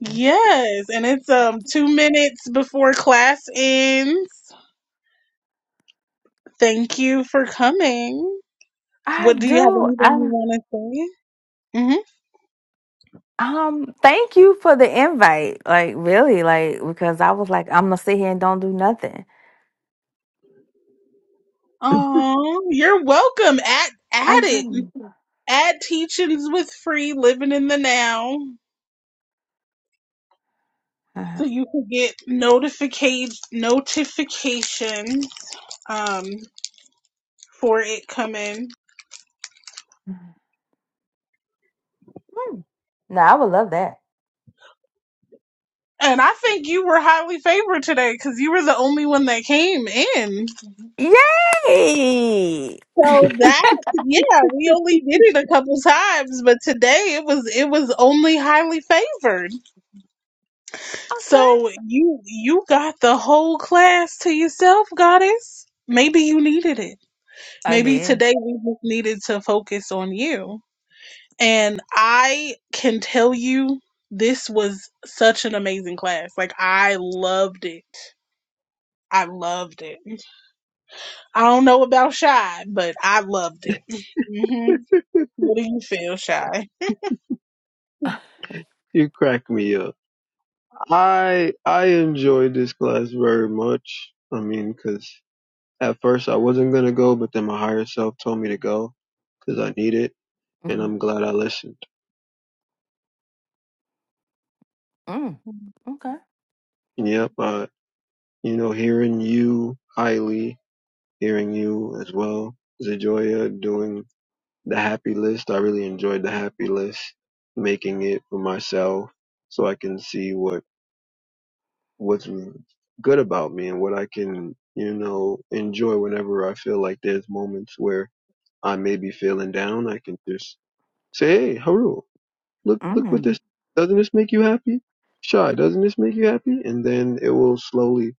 yes. And it's um two minutes before class ends. Thank you for coming. What do you have anything you want to say? Mm-hmm. Oh, you're welcome. At at it. at teachings with free living in the now. So you can get notification notification um for it coming. And I think you were highly favored today because you were the only one that came in. So that yeah, we only did it a couple times, but today it was it was only highly favored. So you you got the whole class to yourself, goddess. Maybe you needed it. Maybe today we just needed to focus on you. And I can tell you, this was such an amazing class. Like, I loved it. I loved it. I don't know about Shy, but I loved it. hmm What do you feel, Shy?
You cracked me up. I I enjoyed this class very much. I mean, because at first I wasn't gonna go, but then my higher self told me to go because I need it, and I'm glad I listened. Yep, uh, you know, hearing you, Hailey, hearing you as well, Zajoya doing the happy list. I really enjoyed the happy list, making it for myself so I can see what. what's good about me and what I can, you know, enjoy whenever I feel like there's moments where I may be feeling down. I can just say, Hey, Haru, look, look what this, doesn't this make you happy? Shy, doesn't this make you happy? And then it will slowly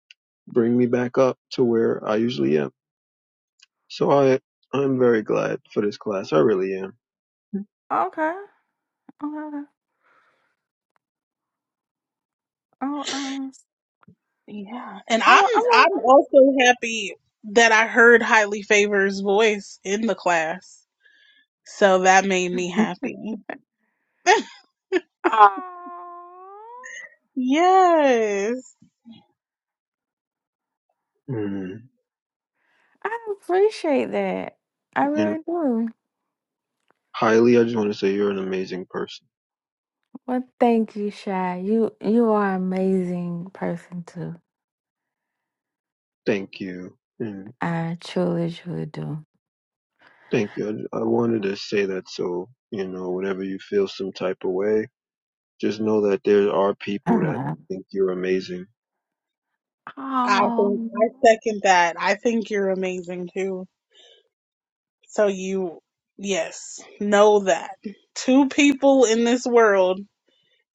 bring me back up to where I usually am. So I, I'm very glad for this class. I really am. Mhm.
Yeah. And I'm I'm also happy that I heard Highly Favor's voice in the class. So that made me happy. Yes.
Mm. And Hailey, I just want to say you're an amazing person. Thank you. And thank you. I, I wanted to say that so, you know, whenever you feel some type of way, just know that there are people that think you're amazing.
I think I second that. I think you're amazing too. So you, yes, know that. Two people in this world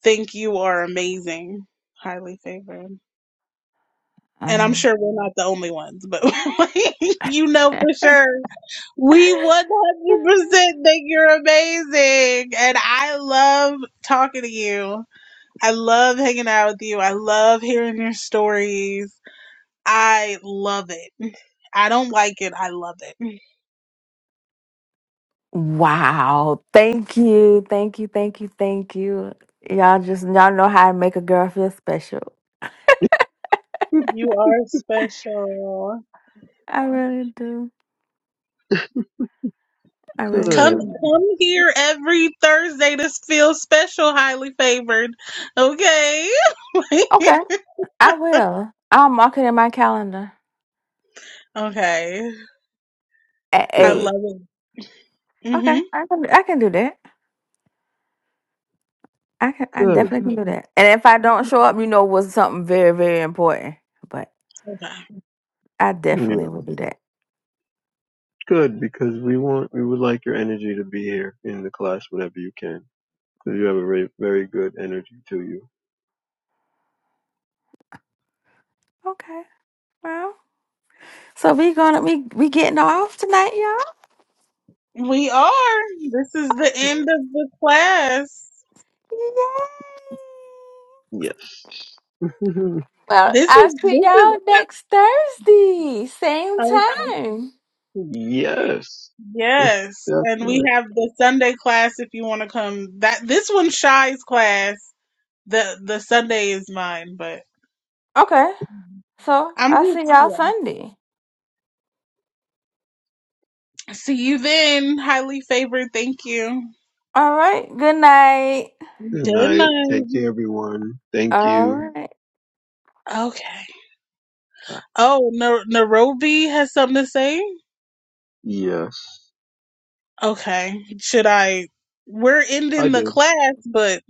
think you are amazing, highly favored. And I'm sure we're not the only ones, but you know for sure we 100% think you're amazing. And I love talking to you. I love hanging out with you. I love hearing your stories. I love it. I don't like it. I love it. You are special. Come
Good,
come here every Thursday to feel special, highly favored. Okay. okay. I
good,
love it. Mm-hmm.
good.
Okay.
Yeah, good because we want we would like your energy to be here in the class whenever you can because you have a very very good energy to you.
We are. This is the end of the class.
Yes.
This is this is oh
yes.
yes.
That's
And we
right.
have the Sunday class if you want to come. That this one Shy's class. The the Sunday is mine, but I'm just yeah. See you then, highly favored. Thank you.
Good
Good
night.
night.
Take care, everyone. Thank you.
Okay.
Ah,
Oh, Nai- Nairobi has something to say?
Yes,
Okay. Should I? We're
I
ending the
did.
class, but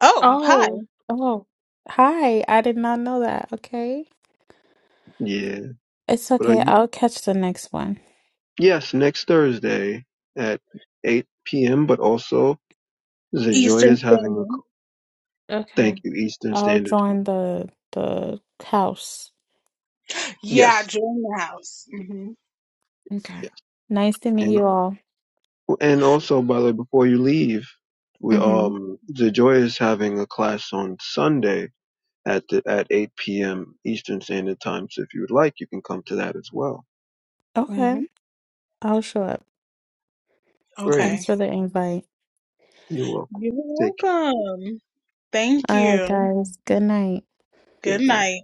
oh, hi,
Oh, oh. Hi, I did not know that. Okay.
Yeah,
It's
but uh,
okay.
y-
I'll catch the next one.
yes, next Thursday at 8 p.m. But also, Zajoy is
Eastern
having a a
Standard.
c- thank
Okay.
you Eastern
I'll
Standard
join
Time.
the the house.
Yeah,
Yes.
join the house. hmm
Okay.
Yes.
Nice to meet
and.
you all.
And also, by the way, before you leave, we
Mm-hmm.
um the Joy is having a class on Sunday at the at 8 p.m. Eastern Standard Time. So if you would like, you can come to that as well.
hmm
Okay. I'll show up.
Great.
Okay.
Thanks for the invite.
You're welcome.
You're
Take
welcome. Thank
All right,
you.
guys. Good night.
care. Good
Good
night.
night.